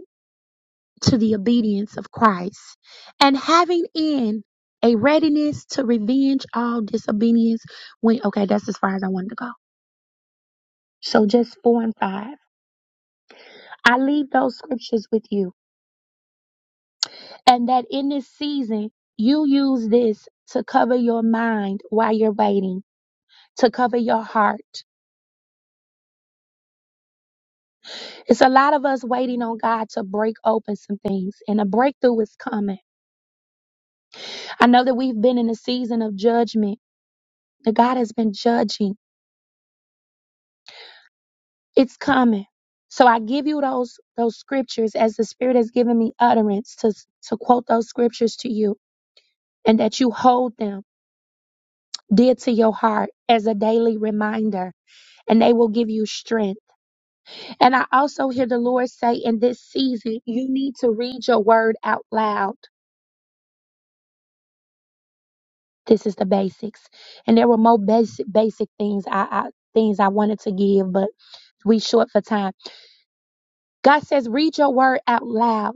S1: to the obedience of Christ, and having in a readiness to revenge all disobedience. When okay, that's as far as I wanted to go. So just four and five. I leave those scriptures with you, and that in this season you use this to cover your mind while you're waiting. To cover your heart. It's a lot of us waiting on God to break open some things, and a breakthrough is coming. I know that we've been in a season of judgment, that God has been judging It's coming. So I give you those those scriptures as the Spirit has given me utterance to to quote those scriptures to you, and that you hold them dear to your heart as a daily reminder, and they will give you strength. And I also hear the Lord say in this season, you need to read your word out loud. This is the basics, and there were more basic basic things I, I things I wanted to give, but we short for time. God says, read your word out loud.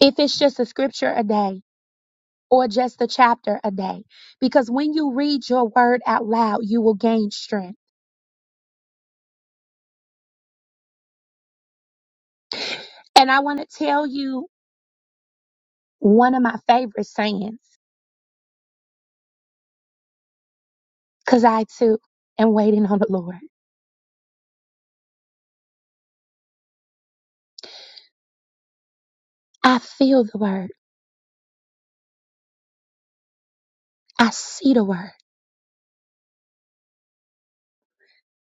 S1: If it's just a scripture a day. or just a chapter a day. Because when you read your word out loud, you will gain strength. And I want to tell you one of my favorite sayings, because I too am waiting on the Lord. I feel the word, I see the word,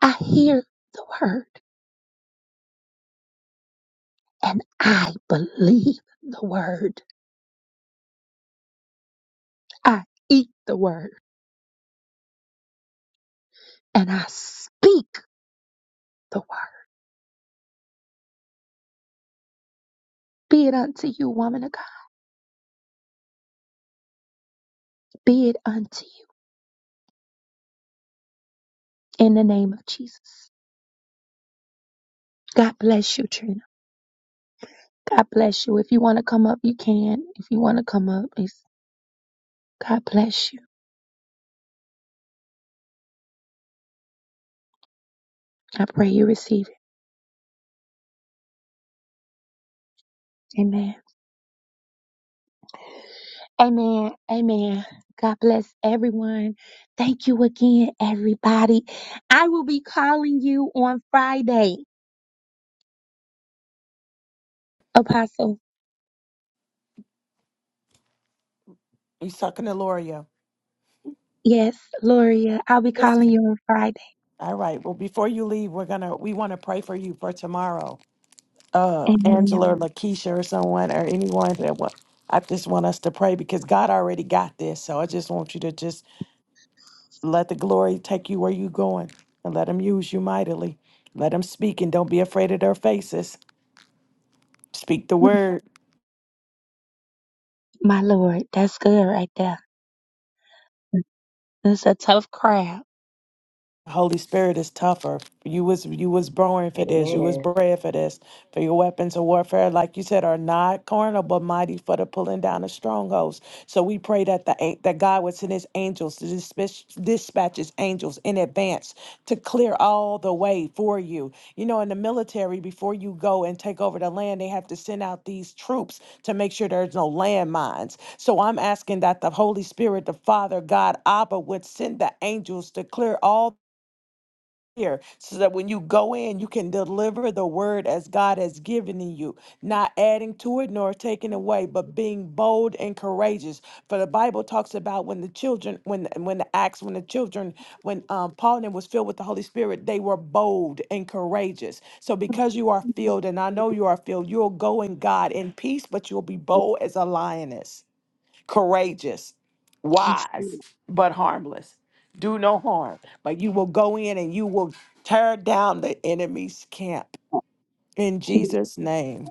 S1: I hear the word, and I believe the word. I eat the word, and I speak the word. Be it unto you, woman of God. Be it unto you in the name of Jesus. God bless you, Trina. God bless you. If you want to come up, you can. If you want to come up, it's God bless you. I pray you receive it. Amen. Amen. Amen. God bless everyone. Thank you again, everybody. I will be calling you on Friday, Apostle.
S2: You talking to Loria?
S1: Yes, Loria. I'll be
S2: Yes.
S1: calling
S2: ma'am.
S1: you on Friday.
S2: All right. Well, before you leave, we're gonna we want to pray for you for tomorrow. uh,
S1: Amen.
S2: Angela or Lakeisha or someone or anyone that what I just want us to pray because God already got this. So I just want you to just let the glory take you where you're going and let Him use you mightily. Let Him speak and don't be afraid of their faces. Speak the
S1: Mm,
S2: word.
S1: My Lord, that's good right there. It's a tough crowd.
S2: Holy Spirit is tougher. You was you was born for this. You was
S4: amen.
S2: bred for this. For your weapons of warfare, like you said, are not carnal but mighty for the pulling down of strongholds. So we pray that the an- that God would send His angels to dispatch, dispatch His angels in advance to clear all the way for you. You know, in the military, before you go and take over the land, they have to send out these troops to make sure there's no landmines. So I'm asking that the Holy Spirit, the Father, God, Abba, would send the angels to clear all here so that when you go in, you can deliver the word as God has given you, not adding to it nor taking away, but being bold and courageous. For the Bible talks about when the children, when when the acts, when the children, when um, Paul and them was filled with the Holy Spirit, they were bold and courageous. So because you are filled, and I know you are filled, you'll go in God in peace, but you'll be bold as a lioness courageous,
S1: Yes.
S2: wise, but harmless. Do no harm, but you will go in and you will tear down the enemy's camp in Jesus' name.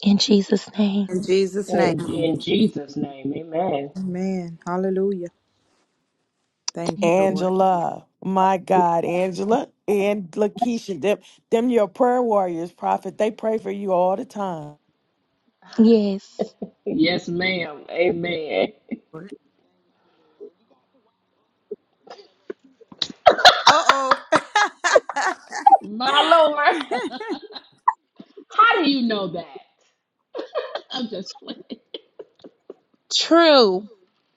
S1: In Jesus' name.
S3: In Jesus'
S4: And in
S3: name.
S4: in Jesus' name, amen.
S3: Amen. Hallelujah. Thank
S1: Thank
S3: you,
S1: you.
S3: Lord.
S2: Angela, my God, Angela and Lakeisha, them, them your prayer warriors, prophet. They pray for you all the time.
S1: Yes.
S4: Yes, ma'am. Amen.
S3: Uh oh.
S4: My Lord. How do you know that? I'm just playing.
S1: True.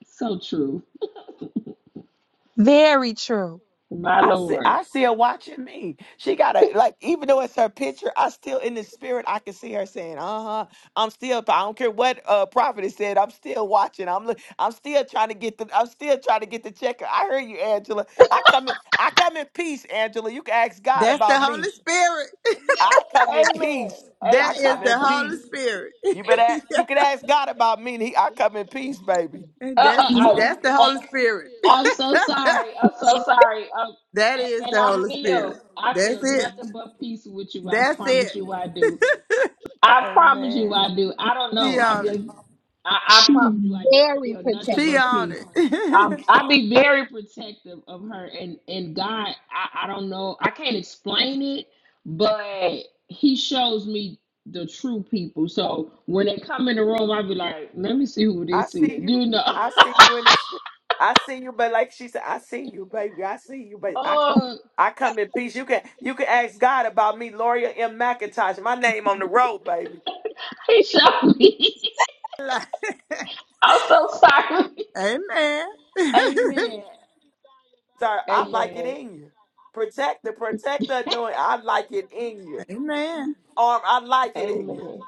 S4: So true.
S1: Very true.
S4: My
S2: I see,
S4: Lord.
S2: I see her watching me. She got a like, even though it's her picture, I still in the spirit. I can see her saying, "Uh huh." I'm still. I don't care what uh prophet has said. I'm still watching. I'm look. I'm still trying to get the. I'm still trying to get the checker. I heard you, Angela. I come in. I come in peace, Angela. You can ask God
S3: That's the
S2: about me.
S3: Holy Spirit.
S4: Look,
S2: I come in
S4: amen.
S2: peace.
S3: That
S2: I
S4: Amen. I,
S3: is
S2: come in
S3: the Holy
S2: peace.
S3: Spirit.
S2: You better. a- You can ask God about me. and He. I come in peace, baby.
S4: uh,
S3: that's
S4: uh,
S3: that's the
S4: uh,
S3: Holy Spirit.
S4: I'm so sorry. I'm so sorry. Um,
S3: that
S4: and,
S3: is
S4: and
S3: the
S4: I
S3: Holy Spirit.
S4: feel, I
S3: That's
S4: feel
S3: it.
S4: nothing but peace with you. I
S3: That's it.
S4: promise you, I do. I promise you
S2: Amen.
S4: I do. I don't
S3: She
S4: know. I
S3: on it.
S4: just I, I
S1: She's
S4: promise you I do. I
S1: very
S4: feel nothing
S1: protective.
S3: She
S4: but
S3: on
S4: peace.
S3: it.
S4: Um, I'll be very protective of her and and God, I, I don't know. I can't explain it, but he shows me the true people. So when they come in the room, I'll be like, let me see who
S2: I
S4: this is.
S2: see you.
S4: You know.
S2: I see you in the. st- I see you, but like she said, I see you, baby. I see you, but I
S4: oh,
S2: I come in peace. You can you can ask God about me, Loria M. McIntosh. My name on the road, baby.
S4: he showed me.
S3: Like,
S4: I'm so sorry.
S3: Amen.
S4: Amen.
S2: Sir, I like it
S4: Amen.
S2: in you. Protect the protector doing. I like it in you.
S3: Amen.
S2: Arm, I like it in you.
S4: Amen.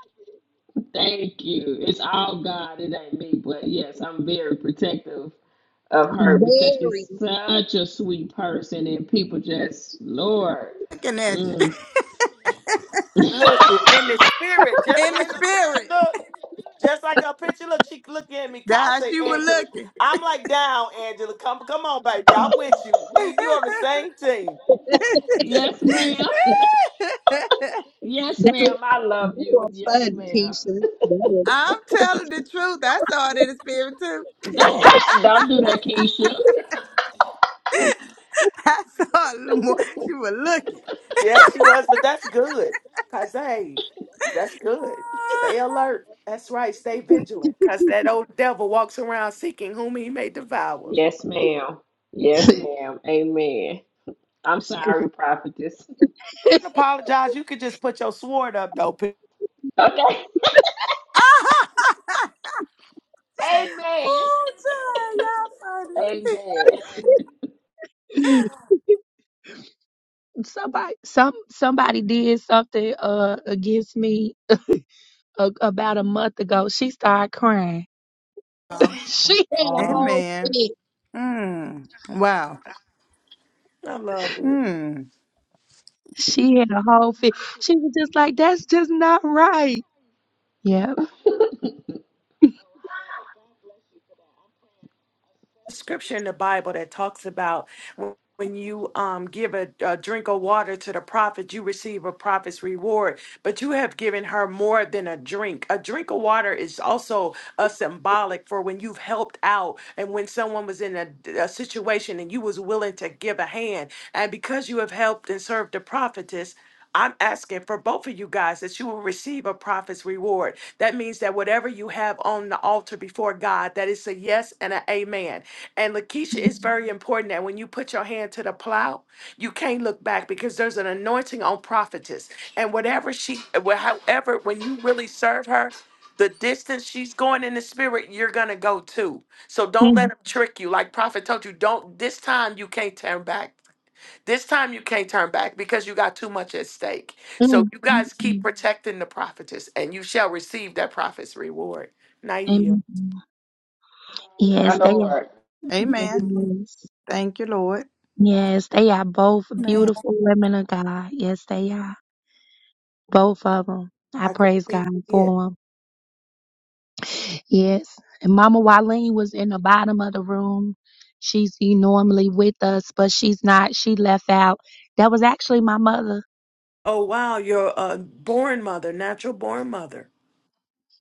S4: Thank you. It's all God. It ain't me. But yes, I'm very protective of her because
S1: Very.
S4: she's such a sweet person, and people just, Lord.
S3: Looking at you.
S4: Mm.
S2: Listen, in the spirit, just
S3: In the
S2: like a picture
S3: spirit.
S2: look, just like a picture look. She looking at me.
S3: That's
S2: I
S3: how
S2: say,
S3: she was
S2: Angela.
S3: looking.
S2: I'm like down, Angela. Come come on, baby. I'm with you. Me, and you on the same team.
S4: Yes, ma'am. Yes, ma'am. I love you. Yes, ma'am.
S3: I'm telling the truth. I saw it in the spirit
S4: Don't do that, Keisha.
S3: I saw a more. She was looking.
S2: Yeah, she was, but that's good. Cause hey, that's good. Stay alert. That's right. Stay vigilant. Cause that old devil walks around seeking whom he may devour.
S4: Yes, ma'am. Yes, ma'am. Amen. I'm sorry, prophetess.
S2: I apologize. You could just put your sword up though. P-
S4: Okay. Amen.
S3: Ooh, child, y'all
S4: Amen.
S1: somebody, some somebody did something uh against me a, about a month ago. She started crying.
S3: funny.
S1: she had a
S2: Aw,
S1: whole
S3: Amen.
S1: fit.
S3: Mm. Wow.
S2: I love it.
S3: Mm.
S1: She had a whole fit. She was just like, "That's just not right." Yep.
S2: Scripture in the Bible that talks about when when you um, give a, a drink of water to the prophet, you receive a prophet's reward. But you have given her more than a drink. A drink of water is also a symbolic for when you've helped out and when someone was in a, a situation and you was willing to give a hand. And because you have helped and served the prophetess, I'm asking for both of you guys that you will receive a prophet's reward. That means that whatever you have on the altar before God, that is a yes and an amen. And Lakeisha, it's very important that when you put your hand to the plow, you can't look back because there's an anointing on prophetess. And whatever she, wh- however, when you really serve her, the distance she's going in the spirit, you're gonna go too. So don't let
S1: Mm,
S2: them trick you. Like Prophet told you, don't this time you can't turn back. This time you can't turn back because you got too much at stake. So
S1: mm,
S2: you
S1: mm,
S2: guys keep
S1: mm,
S2: protecting the prophetess and you shall receive that prophet's reward. Naia,
S1: mm.
S4: My
S1: Yes, they are.
S4: Lord.
S3: Amen.
S1: Yes,
S3: Thank you, Lord.
S1: yes, they are both
S3: Amen.
S1: beautiful women of God. Yes, they are. both of them. I
S2: I can
S1: praise
S2: see
S1: God
S2: it.
S1: for them. Yes. And Mama Wileen was in the bottom of the room. She's e- normally with us, but she's not. She left out. That was actually my mother.
S2: Oh wow, you're a born mother, natural born mother.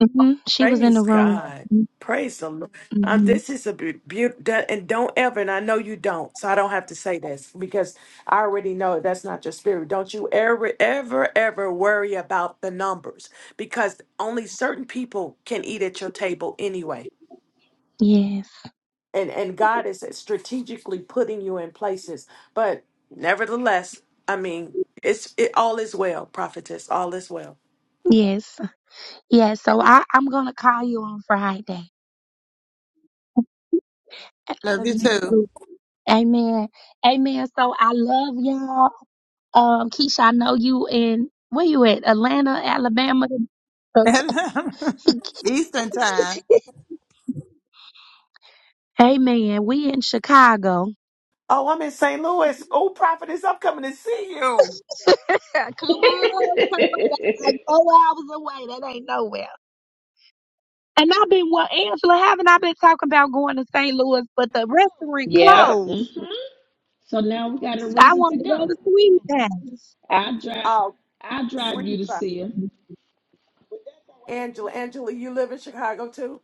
S1: hmm She was in the
S2: Praise
S1: room.
S2: God. Praise the Lord. Uh,
S1: hmm
S2: this is a beautiful, and don't ever, and I know you don't, so I don't have to say this because I already know that's not your spirit. Don't you ever, ever, ever worry about the numbers because only certain people can eat at your table anyway.
S1: Yes.
S2: And, and God is strategically putting you in places. But nevertheless, I mean, it's it, all is well, prophetess, all is well.
S1: Yes. Yes. So I, I'm going to call you on Friday. I
S3: Love
S1: love
S3: you
S1: you
S3: too.
S1: too. Amen. Amen. So I love y'all. Um, Keisha, I know you in, where you at? Atlanta, Alabama. Okay.
S3: Eastern time.
S1: Hey man, we in Chicago.
S2: Oh, I'm in St. Louis. Oh, prophetess, I'm coming to see you.
S1: come on, come on. That's like four hours away. That ain't nowhere. And I've been well, Angela, haven't I been talking about going to St. Louis, but the restaurant
S4: Yeah. hmm
S1: closed.
S4: So now we got a
S1: I
S4: reason
S1: wanted
S4: to
S1: to go
S4: go.
S1: to Sweet House.
S4: I'll drive.
S2: Uh,
S4: I'll drive
S2: Sweetie
S4: you to
S2: pie.
S4: see him.
S2: Angela, Angela, you live in Chicago too?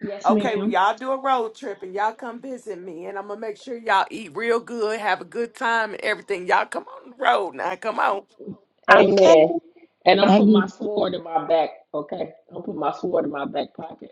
S4: Yes,
S2: Okay, well,
S4: ma'am.
S2: y'all do a road trip and y'all come visit me, and I'm gonna make sure y'all eat real good, have a good time, and everything. Y'all come on the road now. Come on.
S1: Okay.
S4: Amen. And I'll put
S1: Baby.
S4: my sword in my back. Okay. I'll put my sword in my back pocket.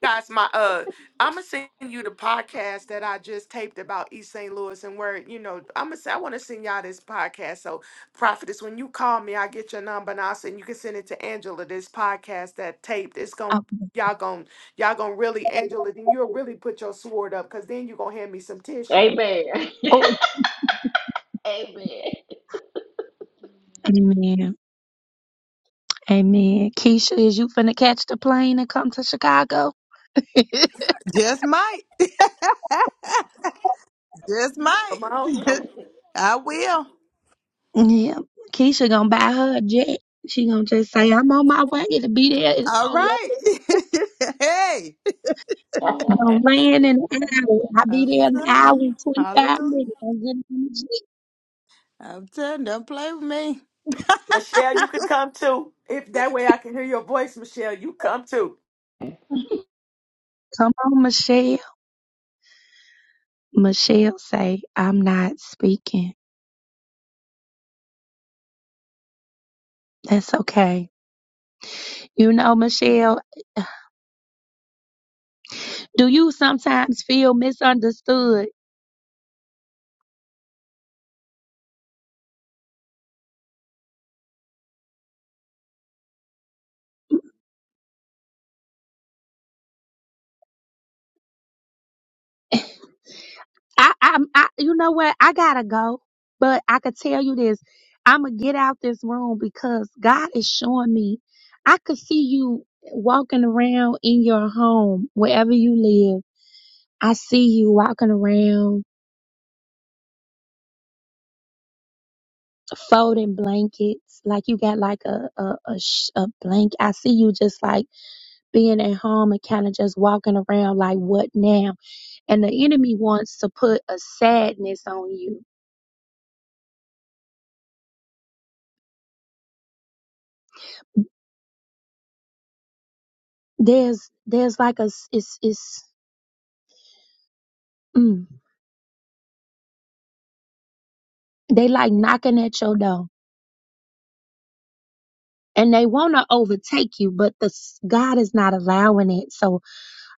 S2: guys my uh i'm gonna send you the podcast that i just taped about east st louis and where you know i'm gonna say i want to send y'all this podcast so prophetess when you call me i get your number and i'll send you can send it to angela this podcast that taped it's gonna
S1: Oh,
S2: y'all gonna y'all gonna really angela then you'll really put your sword up because then you're gonna hand me some tissue
S4: Amen.
S1: oh,
S4: Amen.
S1: amen. Amen. Keisha, is you finna catch the plane and come to Chicago?
S3: Just might. Just might.
S2: Come on, come
S3: I will.
S1: yeah. Keisha gonna buy her a jet. She gonna just say, I'm on my way to be there. It's
S3: All
S1: gonna land,
S3: right. hey.
S1: it's gonna land in an hour. I'll be
S3: I'm
S1: there in an hour
S3: telling you.
S1: and 25
S3: Hallelujah.
S1: minutes. I'm getting on the jet.
S3: I'm telling you, don't play with me.
S2: on. michelle you can come too if that way i can hear your voice michelle you come too
S1: Come on, Michelle. Michelle say, I'm not speaking. That's okay. You know, Michelle, do you sometimes feel misunderstood? I, i I, you know what? I gotta go, but I could tell you this. I'm gonna get out this room because God is showing me. I could see you walking around in your home, wherever you live. I see you walking around folding blankets, like you got like a a a, sh- a blanket. I see you just like being at home and kind of just walking around like what now? And the enemy wants to put a sadness on you. There's there's like a s- it's it's Mm. They like knocking at your door and they want to overtake you, but the s- God is not allowing it. So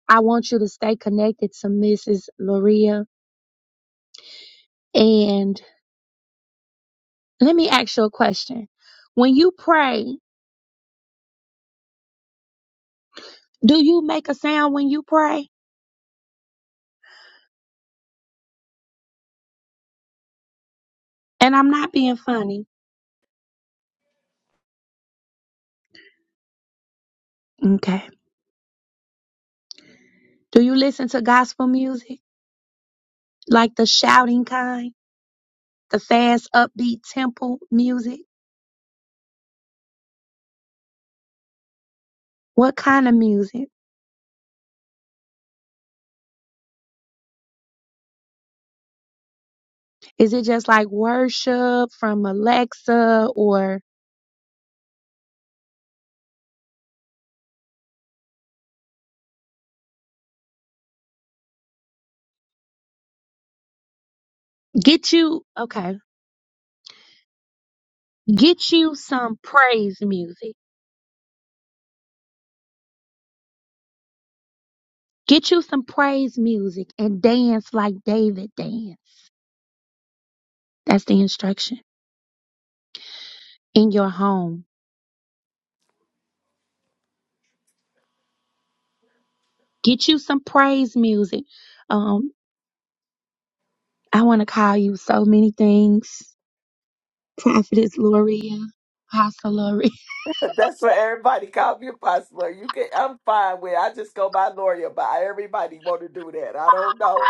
S1: I want you to stay connected to Mrs. Loria. And let me ask you a question. When you pray, do you make a sound when you pray? And I'm not being funny. Okay. Do you listen to gospel music? Like the shouting kind, the fast upbeat temple music? What kind of music? Is it just like worship from Alexa or Get you, okay, get you some praise music. Get you some praise music and dance like David danced. That's the instruction in your home. Get you some praise music. Um, I want to call you so many things. Prophetess Loria, Apostle Loria.
S2: That's what everybody call me apostle. Lori. You can I'm fine with it. I just go by lawyer, but everybody wanna do that. I don't know.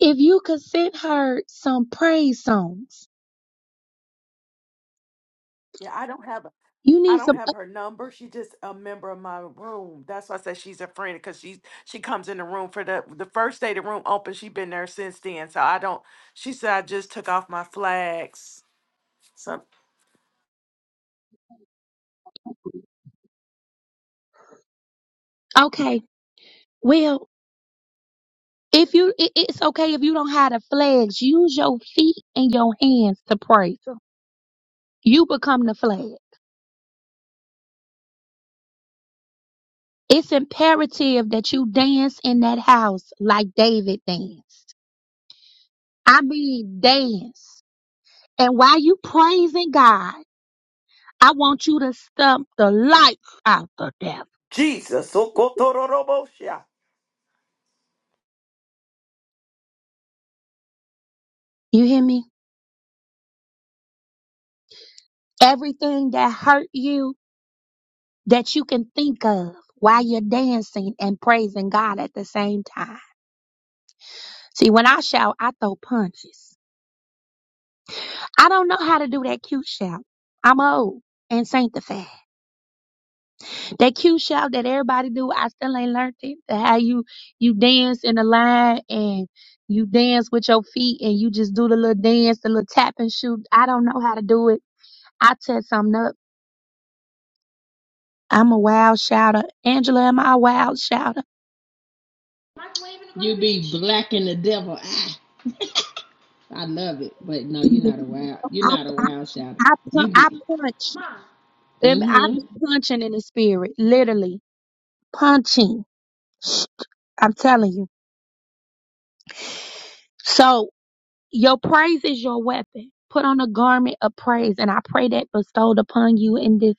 S1: If you could send her some praise songs,
S2: Yeah, I don't have
S1: you
S2: I
S1: need
S2: don't
S1: some.
S2: have her number. She just a member of my room. That's why I said she's a friend because she she comes in the room for the the first day the room opened. She been there since then. So I don't she said I just took off my flags. So
S1: Okay, well, if you, it, it's okay if you don't have the flags. Use your feet and your hands to praise. you become the flag. It's imperative that you dance in that house like David danced. I mean, dance. And while you praising God, I want you to stump the life out the devil.
S2: Jesus. Sokotororobosha.
S1: You hear me? Everything that hurt you that you can think of while you're dancing and praising God at the same time. See, when I shout, I throw punches. I don't know how to do that cute shout. I'm old and sanctified. that cute shout that everybody do, I still ain't learned it. The How you you dance in the line and you dance with your feet and you just do the little dance, the little tap and shoot. I don't know how to do it. I set something up. I'm a wild shouter. Angela, am I a wild shouter?
S4: You be blacking the devil. Ah, I love it. But no, you're
S1: Yeah.
S4: not a wild. You're
S1: I,
S4: not a
S1: I,
S4: wild shout.
S1: I, pu-
S4: You
S1: I
S4: be.
S1: punch. Them- I
S4: Mm-hmm.
S1: be punching in the spirit, literally punching. I'm telling you. So Your praise is your weapon. Put on a garment of praise, and I pray that bestowed upon you in this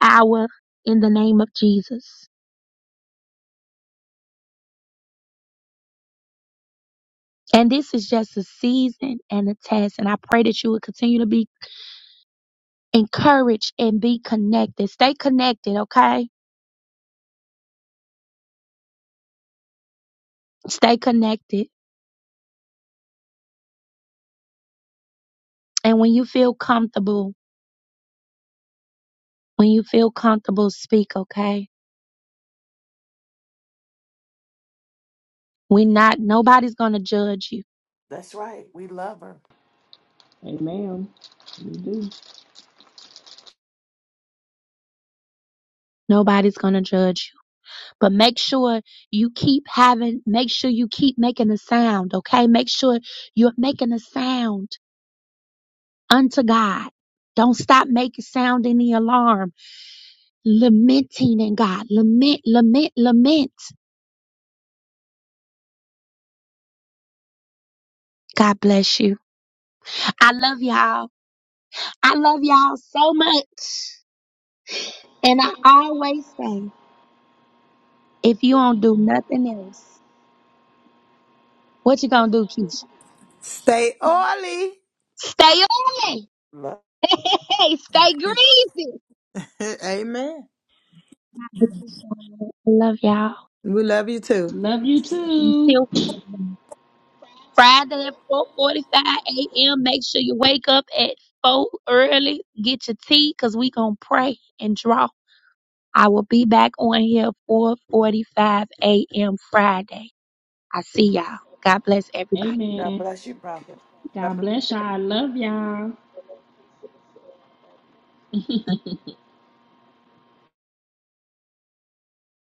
S1: hour in the name of Jesus. And this is just a season and a test, and I pray that you will continue to be encouraged and be connected. Stay connected, okay? Stay connected. And when you feel comfortable, when you feel comfortable, speak, okay? We're not, nobody's gonna judge you.
S2: That's right. We love her.
S4: Amen. You do.
S1: Nobody's gonna judge you. But make sure you keep having, make sure you keep making a sound, okay? Make sure you're making a sound unto God. Don't stop making sound in the alarm, lamenting in God. Lament, lament, lament. God bless you. I love y'all. I love y'all so much. And I always say, if you don't do nothing else, what you gonna do, Keisha?
S3: Stay oily.
S1: Stay on it.
S2: Love
S1: Hey, hey, stay greasy.
S3: Amen.
S1: I love y'all.
S3: We love you too.
S4: Love you too.
S1: until Friday. Friday at 4:45 a.m. Make sure you wake up at four early. Get your tea, cause we gonna pray and draw. I will be back on here 4:45 a.m. Friday. I see y'all. God bless everybody.
S2: God
S4: Amen.
S2: bless you, Prophet. God
S4: God bless y'all. I love y'all.